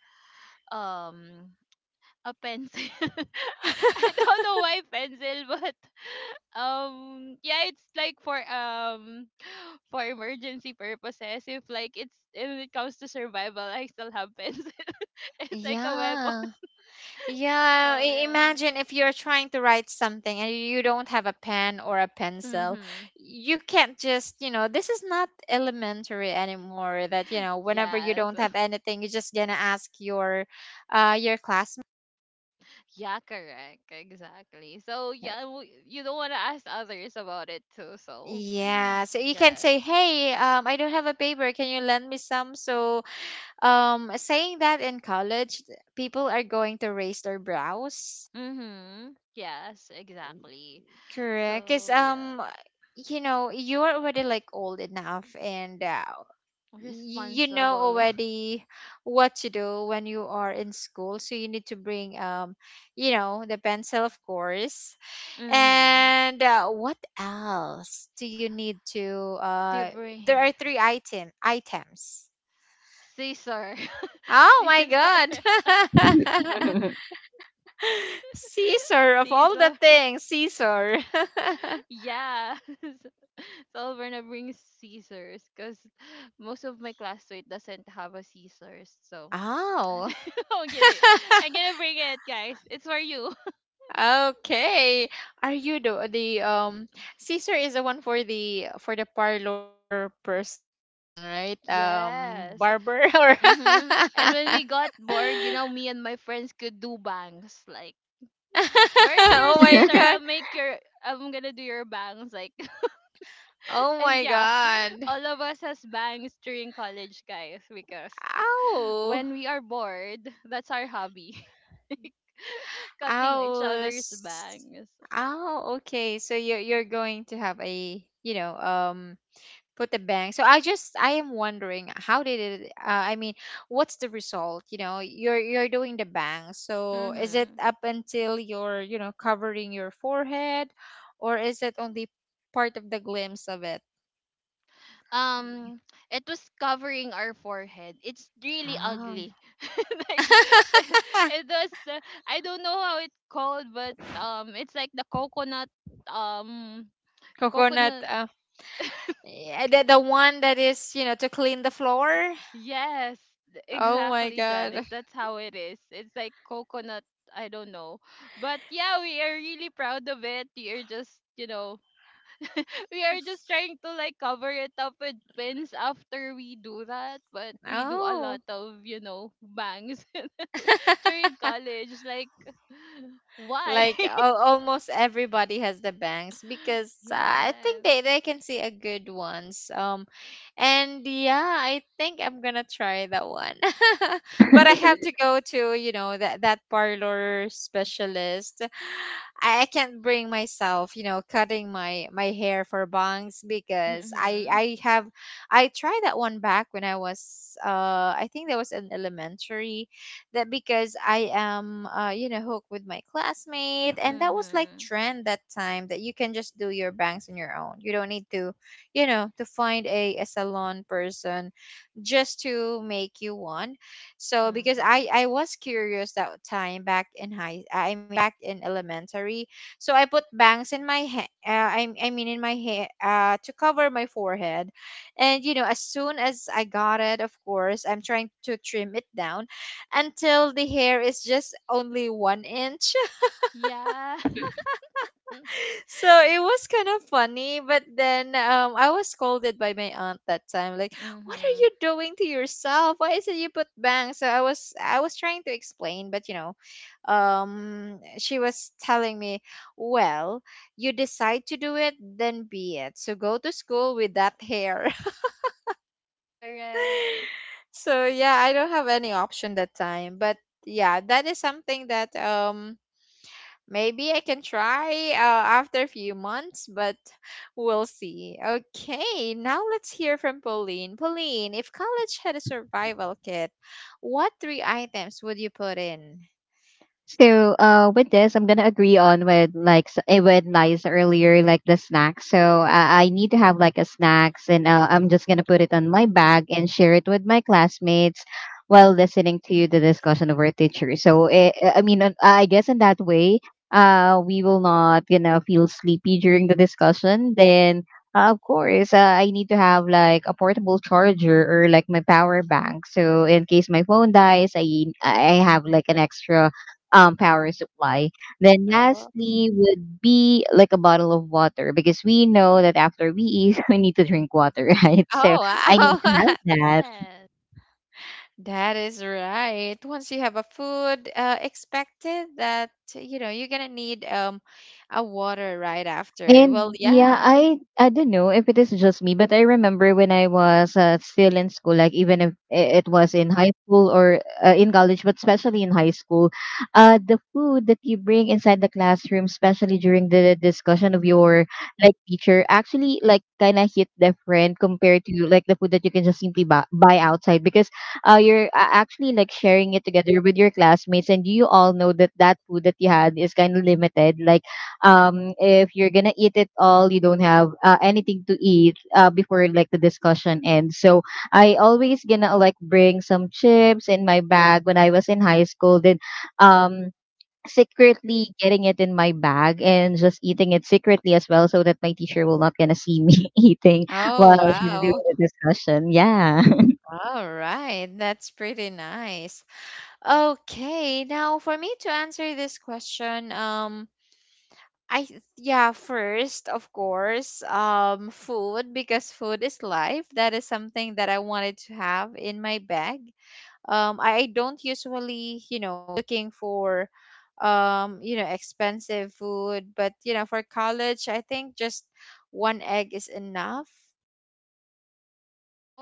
Speaker 2: um a pencil. I don't know why pencil, but yeah, it's like for for emergency purposes. If like, it's, when it comes to survival, I still have pencil. It's like a weapon.
Speaker 1: Yeah. Yeah,
Speaker 2: So yeah.
Speaker 1: imagine if you're trying to write something and you don't have a pen or a pencil.
Speaker 2: Mhm.
Speaker 1: You can't just, you know, this is not elementary anymore, that, you know, whenever you
Speaker 2: Yes.
Speaker 1: don't have anything, you're just gonna ask your classmate.
Speaker 2: Yeah, correct. Exactly. So yeah, you don't want to ask others about it too. So
Speaker 1: Yeah, so you can
Speaker 2: yeah.
Speaker 1: say, "Hey, I don't have a paper. Can you lend me some?" So, saying that in college, people are going to raise their brows.
Speaker 2: Mhm. Yes, exactly.
Speaker 1: Correct. Because,
Speaker 2: So yeah,
Speaker 1: you know, you're already like old enough and you know
Speaker 2: responsible.
Speaker 1: already what to do when you are in school. So you need to bring, you know, the pencil, of course.
Speaker 2: Mhm.
Speaker 1: And what else do you need to?
Speaker 2: To
Speaker 1: Uh, there are
Speaker 2: bring
Speaker 1: three items.
Speaker 2: Caesar.
Speaker 1: Oh my
Speaker 2: Caesar.
Speaker 1: God. Caesar, of all the
Speaker 2: Caesar.
Speaker 1: things, Caesar.
Speaker 2: Yeah. So we're gonna bring Caesars because most of my classmate doesn't have a Caesars. So
Speaker 1: Oh.
Speaker 2: I'm gonna I'm gonna bring it, guys. It's for you.
Speaker 1: Okay. Are you the Caesar is the one for the parlor person, right? Um, barber
Speaker 2: Yes.
Speaker 1: or
Speaker 2: Mm-hmm. And when we got bored, you know, me and my friends could do bangs. Like, where's
Speaker 1: oh
Speaker 2: your
Speaker 1: my
Speaker 2: scissor?
Speaker 1: God.
Speaker 2: I'll make your. I'm gonna do your bangs. Like,
Speaker 1: Oh
Speaker 2: and
Speaker 1: my
Speaker 2: yeah,
Speaker 1: God.
Speaker 2: all of us has bangs during college, guys, because
Speaker 1: Ow.
Speaker 2: when we are bored, that's our hobby, cutting each
Speaker 1: Ow.
Speaker 2: other's
Speaker 1: S-
Speaker 2: bangs.
Speaker 1: ow. Okay. So you are, you're going to have a, you know, um, put the bank. So I just, I am wondering how did it, I mean, what's the result? You know, you're doing the bang. So is it
Speaker 2: Mm-hmm.
Speaker 1: up until you're, you know, covering your forehead, or is it only part of the glimpse of it?
Speaker 2: um it was covering our forehead. It's really
Speaker 1: Ah.
Speaker 2: ugly. Like, it, it was the, I don't know how it's called, but it's like the coconut, um
Speaker 1: Coconut,
Speaker 2: coconut.
Speaker 1: yeah, the one that is, you know, to clean the floor.
Speaker 2: Yes,
Speaker 1: Oh my
Speaker 2: exactly,
Speaker 1: God.
Speaker 2: Janice, that's how it is. It's like coconut. I don't know, but yeah, we are really proud of it. We are just, you know, we are just trying to like cover it up with pins after we do that. But we do a lot
Speaker 1: Oh.
Speaker 2: of, you know, bangs during college. It's like, why?
Speaker 1: Like, al almost everybody has the bangs because I think
Speaker 2: Yes.
Speaker 1: they can see a good ones. Um, and yeah, I think I'm gonna try that one. But I have to go to, you know, that parlor specialist. I can't bring myself, you know, cutting my hair for bangs,
Speaker 2: Yeah.
Speaker 1: because I
Speaker 2: Mhm.
Speaker 1: I have, I tried that one back when I was, I think that was in elementary. That because I am, you know, hooked with my classmate, and that was like
Speaker 2: Mhm.
Speaker 1: trend that time, that you can just do your bangs on your own. You don't need to, you know, to find a salon person just to make you one. So because i
Speaker 2: Mhm.
Speaker 1: i was curious that time back in high, I mean back in elementary, so I put bangs in my hair, I mean in my hair, to cover my forehead. And you know, as soon as I got it, of course I'm trying to trim it down until the hair is just only one inch.
Speaker 2: Yeah.
Speaker 1: So it was kind of funny, but then I was scolded by my aunt that time. Like, what are
Speaker 2: Mhm.
Speaker 1: you doing to yourself? Why is it you put bang? So I was, I was trying to explain, but you know, she was telling me, well, you decide to do it, then be it. So go to school with
Speaker 2: Yes.
Speaker 1: that hair.
Speaker 2: Correct.
Speaker 1: So yeah, I don't have any option that time, but yeah, that is something that, maybe I can try after a few months, but we'll see. Okay, now let's hear from Pauline. Pauline, if college had a survival kit, what three items would you put in?
Speaker 3: So, with this, I'm gonna agree on with like, with Liza earlier, like the snacks. So, I need to have like a snacks, and I'm just gonna put it on my bag and share it with my classmates while listening to the discussion of our teacher. So, I mean, I guess in that way, we will not gonna feel sleepy during the discussion. Then, of course, I need to have like a portable charger or like my power bank. So, in case my phone dies, I have like an extra power supply. Then
Speaker 1: Uh-huh.
Speaker 3: lastly would be like a bottle of water, because we know that after we eat, we need to drink water, right? So
Speaker 1: Oh,
Speaker 3: I need
Speaker 1: wow.
Speaker 3: to have.
Speaker 2: Yes.
Speaker 1: That is right. Once you have a food, expected that, you know, you're gonna need a water right after. Well,
Speaker 3: And yeah,
Speaker 1: yeah.
Speaker 3: I don't know if it is just me, but I remember when I was, still in school, like, even if it was in high school or, in college, but especially in high school, the food that you bring inside the classroom, especially during the discussion of your like teacher, actually like kind of hit different compared to like the food that you can just simply buy outside, because you're actually like sharing it together with your classmates, and you all know that that food that you had is kind of limited, like, if you're gonna eat it all, you don't have anything to eat before like the discussion ends. So I always gonna like bring some chips in my bag when I was in high school. Then um, secretly getting it in my bag and just eating it secretly as well, so that my teacher will not gonna see me eating while
Speaker 1: Oh,
Speaker 3: she's
Speaker 1: wow.
Speaker 3: doing the discussion. Yeah.
Speaker 1: All right. That's pretty nice. Okay, now for me to answer this question, yeah, first, of course, food, because food is life. That is something that I wanted to have in my bag. I don't usually, you know, looking for you know, expensive food, but you know, for college, I think just one egg is enough.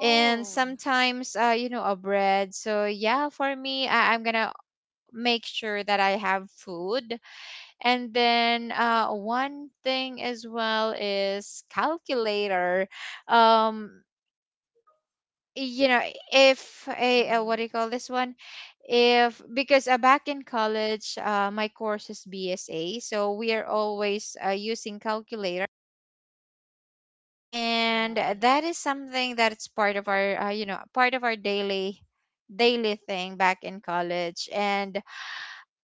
Speaker 1: And sometimes, you know, a bread. So yeah, for me, I'm gonna make sure that I have food. And then one thing as well is calculator. Um, you know, if a, uh, what
Speaker 2: Mhm.
Speaker 1: do you call this one? If, because back in college, my course is BSA, so we are always using calculator, and
Speaker 2: Yes.
Speaker 1: that is something that's part of our you know, part of our daily thing back in college. And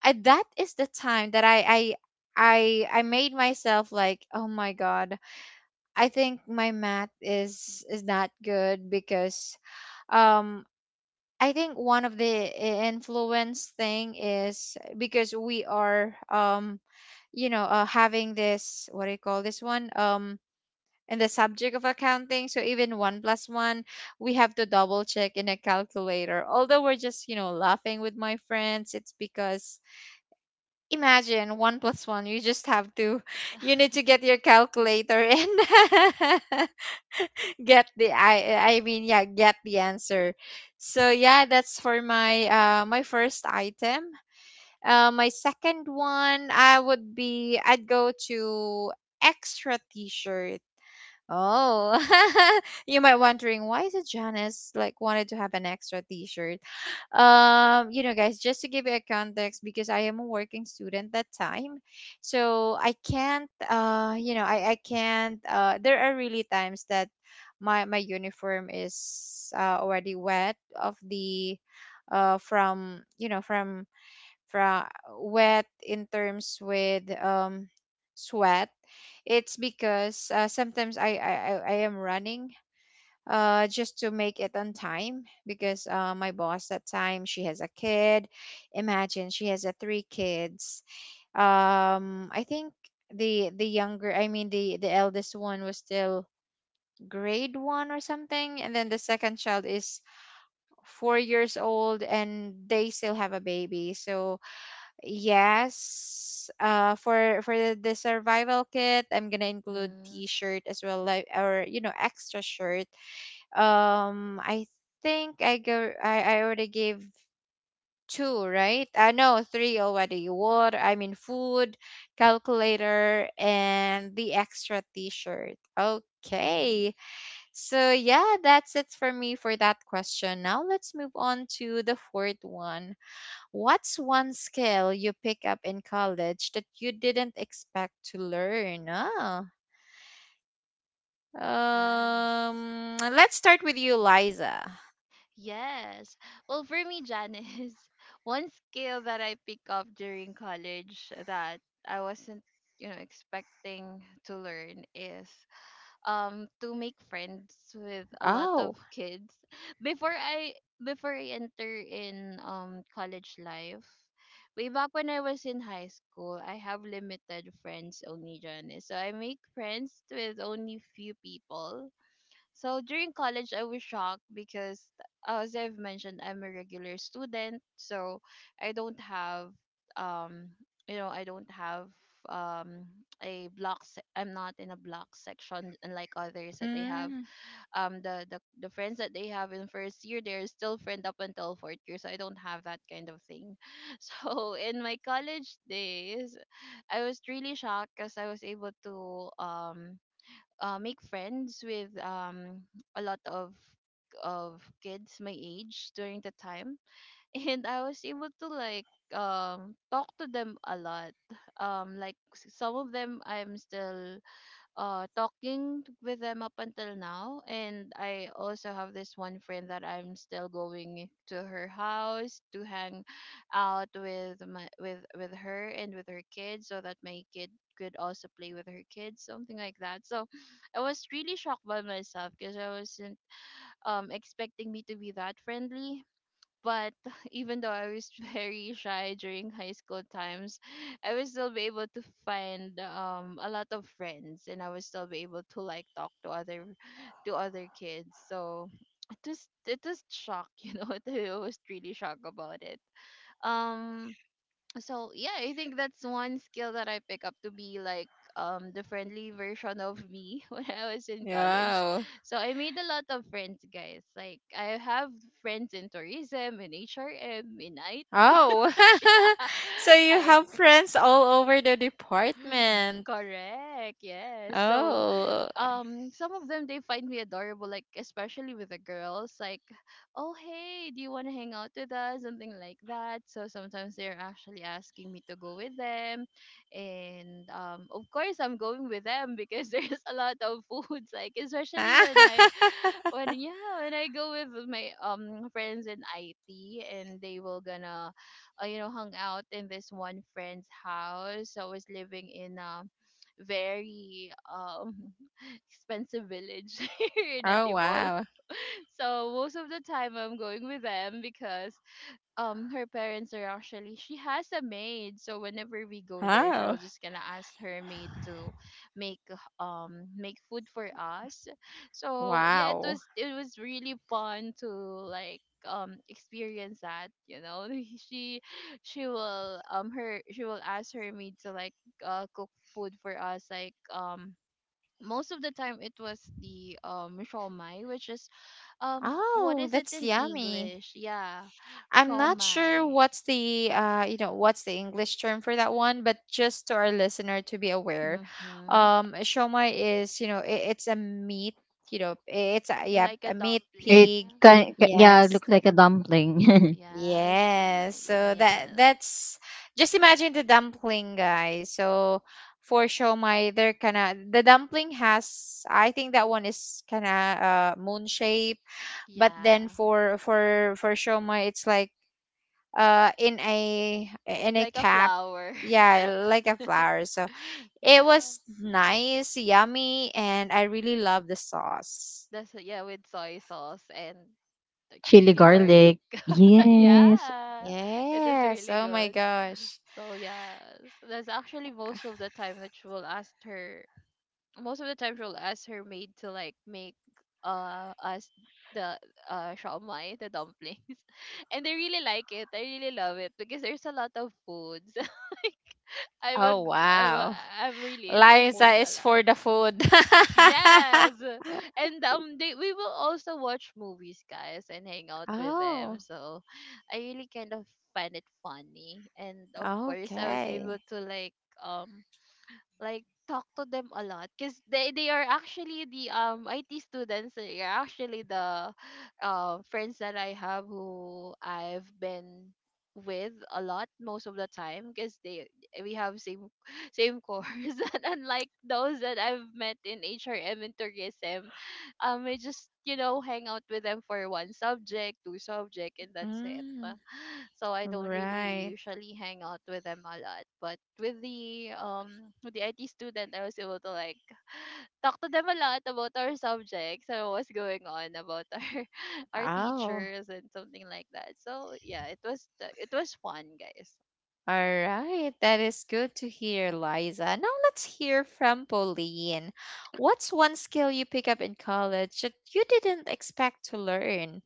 Speaker 1: that is the time that I I made myself like, oh my God, I think my math is not good, because um, I think one of the influence thing is because we are um, you know having this, what do you call this one, um, in the subject of accounting. So even one plus one, we have to double check in a calculator, although we're just, you know, laughing with my friends. It's because, imagine one plus one, you just have to
Speaker 2: Yeah.
Speaker 1: you need to get your calculator in, get the, I mean, yeah, get the answer. So yeah, that's for my uh, my first item. My second one, I would be, I'd go to extra t shirt. Oh, you might wondering, why is it Janice like wanted to have an extra T-shirt? You know, guys, just to give you a context, because I am a working student that time, so I can't. You know, I can't. There are really times that my uniform is already wet of the, from you know, from from wet in terms with um, sweat. It's because sometimes, I am running uh, just to make it on time, because uh, my boss that time, she has a kid. Imagine, she has a three kids. Um, I think the younger, I mean the eldest one was still grade one or something, and then the second child is 4 years old, and they still have a baby. So yes. For the survival kit, I'm gonna include
Speaker 2: Mhm.
Speaker 1: T-shirt as well, like, or you know, extra shirt. I think I go. I already gave two, right? No, three already. Water, I mean food, calculator, and the extra T-shirt.
Speaker 2: Mhm.
Speaker 1: Okay. So yeah, that's it for me for that question. Now let's move on to the fourth one. What's one skill you pick up in college that you didn't expect to learn? Oh,
Speaker 2: Yes.
Speaker 1: let's start with you, Liza.
Speaker 2: Yes. Well, for me, Janice, one skill that I picked up during college that I wasn't, you know, expecting to learn is to make friends with a lot
Speaker 1: Oh,
Speaker 2: of kids before I, before I enter in college life. Way back when I was in high school, I have limited friends only, Johnny. So I make friends with only few people. So during college, I was shocked because, as I've mentioned, I'm a regular student, so I don't have, um, you know, I don't have um a block. I'm not in a block section, unlike others that they have.
Speaker 1: mm,
Speaker 2: The the friends that they have in first year, they're still friend up until fourth year, so I don't have that kind of thing. So in my college days, I was really shocked because I was able to um make friends with a lot of kids my age during the time and I was able to like talk to them a lot. Like, some of them I'm still talking with them up until now. And I also have this one friend that I'm still going to her house to hang out with my with her and with her kids, so that my kid could also play with her kids, something like that. So I was really shocked by myself because I wasn't, expecting me to be that friendly, but even though I was very shy during high school times, I was still be able to find a lot of friends. And I was still be able to like talk to other, to other kids. So it was, it was shock, you know. I was really shocked about it. Um, so yeah, I think that's one skill that I pick up, to be like, the friendly version of me when I was in college.
Speaker 1: yeah.
Speaker 2: So I made a lot of friends, guys. Like, I have friends in tourism, in HRM, in IT.
Speaker 1: Oh, so you
Speaker 2: I
Speaker 1: have friends all over the department.
Speaker 2: correct, yes. So
Speaker 1: Oh,
Speaker 2: some of them, they find me adorable, like especially with the girls, like, oh hey, do you want to hang out with us, something like that. So sometimes they're actually asking me to go with them. And of course I'm going with them because there's a lot of foods. Like especially when I,
Speaker 1: oh,
Speaker 2: when, yeah, when I go with my friends in IT, and they will gonna you know, hung out in this one friend's house. So I was living in a very expensive village here in Antipolo.
Speaker 1: wow.
Speaker 2: So most of the time I'm going with them because her parents are, actually she has a maid. So whenever we go there, she'll
Speaker 1: Oh,
Speaker 2: just gonna ask her maid to make make food for us. So yeah, it
Speaker 1: wow.
Speaker 2: was, it was really fun to like, experience that, you know. she she will, her, she will ask her maid to like cook food for us, like, most of the time it was the shawmai, which is, what
Speaker 1: Oh,
Speaker 2: is it
Speaker 1: that's
Speaker 2: in
Speaker 1: yummy.
Speaker 2: English? Yeah,
Speaker 1: I'm not sure
Speaker 2: shawmai.
Speaker 1: what's the you know, what's the English term for that one, but just to our listener to be aware,
Speaker 2: Mm-hmm.
Speaker 1: shomai is, you know, it's a meat, you know, it's a,
Speaker 2: Eh,
Speaker 1: yeah,
Speaker 2: like a
Speaker 1: a meat
Speaker 2: dumpling.
Speaker 3: It
Speaker 1: pig.
Speaker 3: kind yeah, it
Speaker 1: Yes,
Speaker 3: looks like a dumpling.
Speaker 2: Yes, steam
Speaker 1: yes.
Speaker 2: dumpling,
Speaker 1: So that
Speaker 2: yes.
Speaker 1: that's, just imagine the dumpling, guys. So for shomai, they're kind of the dumpling has, I think that one is kind of moon shape. But then
Speaker 2: Yeah,
Speaker 1: for for shomai, it's like uh, in a, in a
Speaker 2: like a
Speaker 1: cap.
Speaker 2: flower.
Speaker 1: Yeah, like a flower. So it
Speaker 2: Yeah,
Speaker 1: was nice, yummy, and I really love the sauce.
Speaker 2: that's, yeah, with soy sauce and like
Speaker 3: Chili
Speaker 2: chili
Speaker 3: garlic.
Speaker 2: garlic.
Speaker 3: Yes.
Speaker 2: Yeah, it is
Speaker 1: Yes, oh
Speaker 2: really
Speaker 1: my
Speaker 2: good.
Speaker 1: gosh.
Speaker 2: So yes, that's actually most of the time that she will ask her, most of the time she'll ask her maid to like make us the shawmai, the dumplings. And I really like it. I really love it because there's a lot of foods. Like,
Speaker 1: Oh,
Speaker 2: I'm a,
Speaker 1: wow.
Speaker 2: I'm really into
Speaker 1: Liza
Speaker 2: foods a
Speaker 1: is
Speaker 2: lot.
Speaker 1: for the food.
Speaker 2: Yes. And they, we will also watch movies, guys, and hang out with them.
Speaker 1: Oh,
Speaker 2: So I really kind of find it funny. And of course I was able
Speaker 1: okay.
Speaker 2: to um like talk to them a lot because they are actually the IT students. They are actually the friends that I have, who I've been with a lot most of the time because they, we have same course. And unlike those that I've met in HRM and tourism, I just, you know, hang out with them for one subject, two subject, and that's it.
Speaker 1: Mm,
Speaker 2: So I don't really
Speaker 1: right.
Speaker 2: usually hang out with them a lot. But with the IT student, I was able to like talk to them a lot about our subjects and what's going on about our our
Speaker 1: Oh.
Speaker 2: teachers and something like that. So yeah, it was, the, it was fun, guys.
Speaker 1: All right, that is good to hear, Liza. Now let's hear from Pauline. What's one skill you pick up in college that you didn't expect to learn?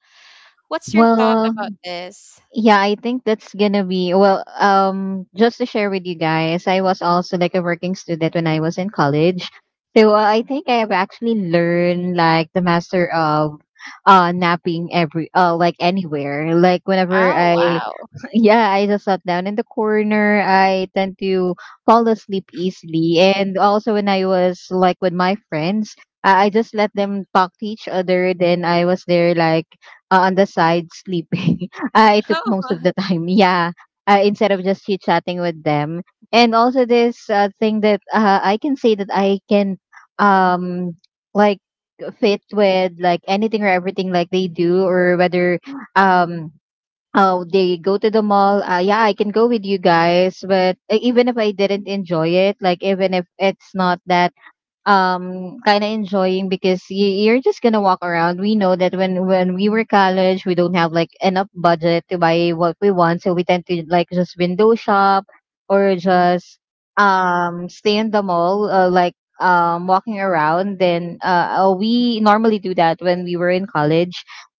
Speaker 1: What's your thought
Speaker 3: Well,
Speaker 1: about this?
Speaker 3: yeah, I think that's gonna be well. Just to share with you guys, I was also like a working student when I was in college. So I think I have actually learned like the master of napping every like anywhere. Like
Speaker 2: Yeah.
Speaker 3: whenever
Speaker 1: Oh,
Speaker 3: I
Speaker 1: wow.
Speaker 3: yeah, I just sat down in the corner. I tend to fall asleep easily. And also, when I was like with my friends, I just let them talk to each other. Then I was there like, on the side sleeping. I took most of the time. Yeah. Instead of just chit chatting with them. And also, this thing that, I can say that I can, um like, fit with like anything or everything like they do, or whether um oh, they go to the mall. Yeah, I can go with you guys, but even if I didn't enjoy it, like even if it's not that kind of enjoying because you're just gonna walk around. We know that when we were college, we don't have like enough budget to buy what we want, so we tend to like just window shop, or just stay in the mall, like, walking around. Then we normally do that when we were in college,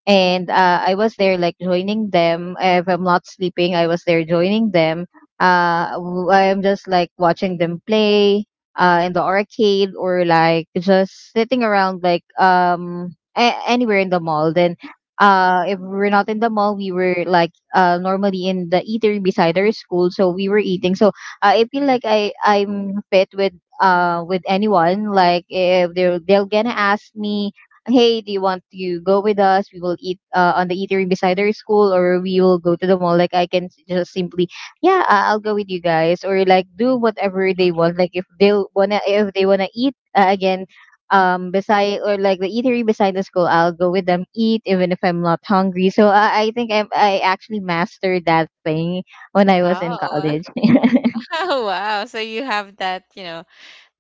Speaker 3: and I was there like joining them. If I'm not sleeping, I was there joining them, I'm just like watching them play, in the arcade, or like just sitting around like, anywhere in the mall. Then if we're not in the mall, we were like, normally in the eatery beside our school, so we were eating. So I feel like I'm fit with anyone. Like if they're gonna ask me, hey, do you want to go with us? We will eat, on the eatery beside our school, or we will go to the mall. Like I can s- just simply yeah, I'll go with you guys, or like do whatever they want. Like if they wanna eat, again, beside or like the eatery beside the school, I'll go with them eat even if I'm not hungry. So I think I actually mastered that thing when I was in
Speaker 1: Oh,
Speaker 3: college.
Speaker 1: oh, wow. So you have that, you know,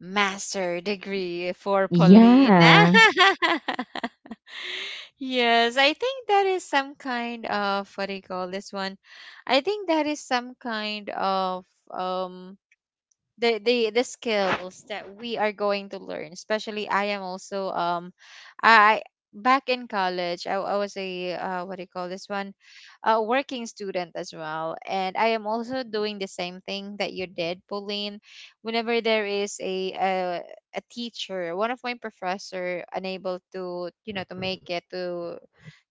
Speaker 1: master degree for Pauline.
Speaker 3: Yeah.
Speaker 1: Yes, I think that is some kind of, what do you call this one? I think that is some kind of, um, the the skills that we are going to learn, especially I am also um, I, back in college, I was a what do you call this one, a working student as well, and I am also doing the same thing that you did, Pauline. Whenever there is a teacher, one of my professor unable to, you know, to make it to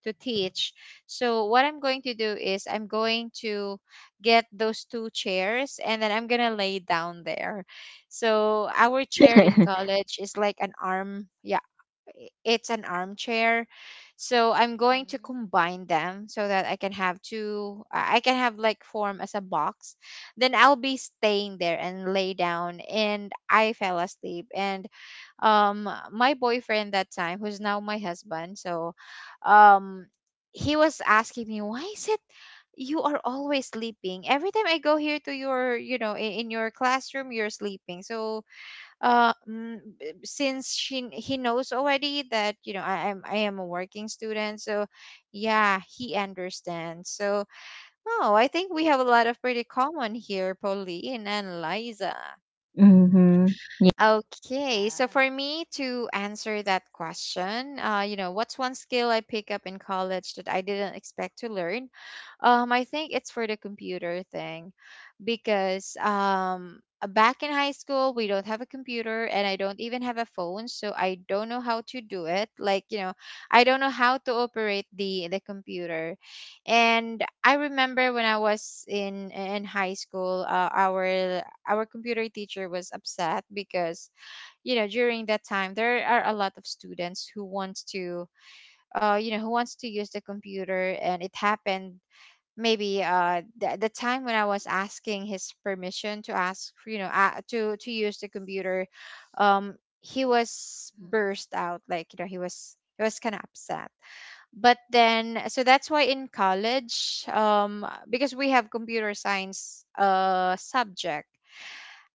Speaker 1: teach. So what I'm going to do is I'm going to get those two chairs and then I'm going to lay down there. So our chair in college is like an arm, yeah, it's an armchair. So I'm going to
Speaker 2: Mm-hmm.
Speaker 1: combine them so that I can have two, I can have like form as a box. Then I'll be staying there and lay down. And I fell asleep. And my boyfriend that time, who's now my husband, so um, he was asking me, why is it you are always sleeping? Every time I go here to your, in your classroom, you're sleeping. So since she he knows already that you know I am a working student, so yeah, he understands. So oh, I think we have a lot of pretty common here, Pauline and Liza.
Speaker 3: Mm-hmm.
Speaker 1: Okay, so
Speaker 2: Yeah.
Speaker 1: for me to answer that question, uh, you know, what's one skill I pick up in college that I didn't expect to learn? Um, I think it's for the computer thing, because back in high school we don't have a computer and I don't even have a phone, so I don't know how to do it, like, you know, I don't know how to operate the computer. And I remember when I was in high school, our computer teacher was upset because, you know, during that time there are a lot of students who wants to, you know, who wants to use the computer. And it happened maybe, uh, the time when I was asking his permission to ask, you know, to use the computer. um he was
Speaker 2: Mhm.
Speaker 1: burst out, like, you know, he was, he was kind of upset. But then, so that's why in college, um, because we have computer science, uh, subject,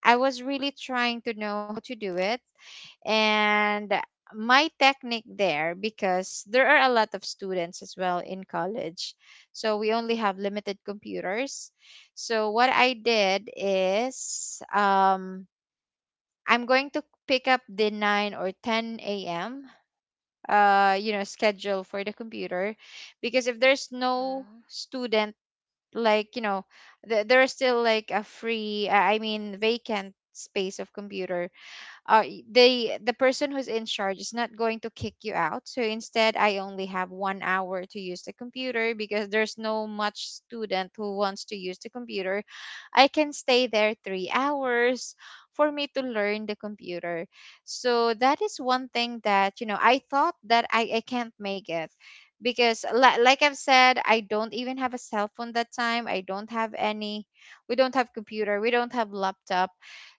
Speaker 1: I was really trying to know how to do it. And my technique there, because there are a lot of students as well in college, so we only have limited computers. So what I did is, I'm going to pick up the 9 or 10 a.m. You know, schedule for the computer. Because if there's no
Speaker 2: Mhm.
Speaker 1: student, like, you know, there are still like a free, I mean, vacant space of computer. They, the person who's in charge is not going to kick you out. So instead I only have 1 hour to use the computer, because there's no much student who wants to use the computer, I can stay there 3 hours for me to learn the computer. So that is one thing that, you know, I thought that I can't make it, because like I've said, I don't even have a cell phone that time, I don't have any. We don't have computer, we don't have laptop.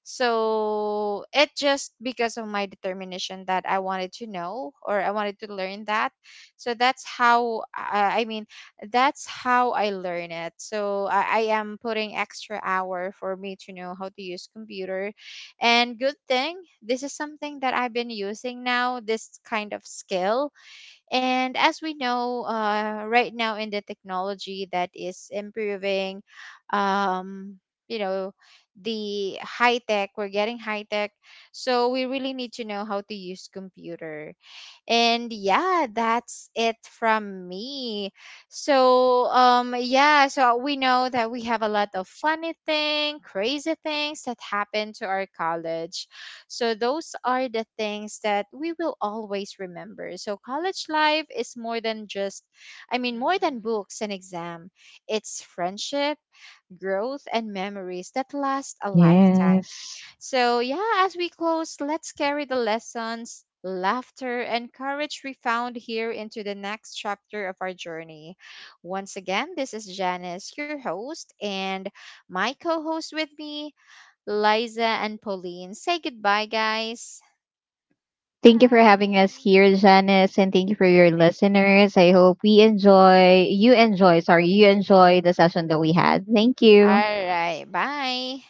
Speaker 1: So it just because of my determination that I wanted to know or I wanted to learn that. So that's how, I mean, that's how I learn it. So I am putting extra hour for me to know how to use computer. And good thing this is something that I've been using now, this kind of skill. And as we know, right now in the technology that is improving, um, you know, the high tech, we're getting high tech. So we really need to know how to use computer. And yeah, that's it from me. So, yeah, so we know that we have a lot of funny thing, crazy things that happen to our college. So those are the things that we will always remember. So college life is more than just, I mean, more than
Speaker 2: Mhm.
Speaker 1: books and exam. It's friendship, growth and memories that last a lifetime.
Speaker 3: Yes.
Speaker 1: So yeah, as we close, let's carry the lessons, laughter, and courage we found here into the next chapter of our journey. Once again, this is Janice, your host, and my co host with me, Liza and Pauline. Say goodbye, guys.
Speaker 3: Thank you for having us
Speaker 2: Bye.
Speaker 3: here, Janice, and thank you for your listeners. I hope we enjoy, you enjoy, sorry, you enjoy the session that we had. Thank you.
Speaker 1: All right,
Speaker 2: Yes.
Speaker 1: bye.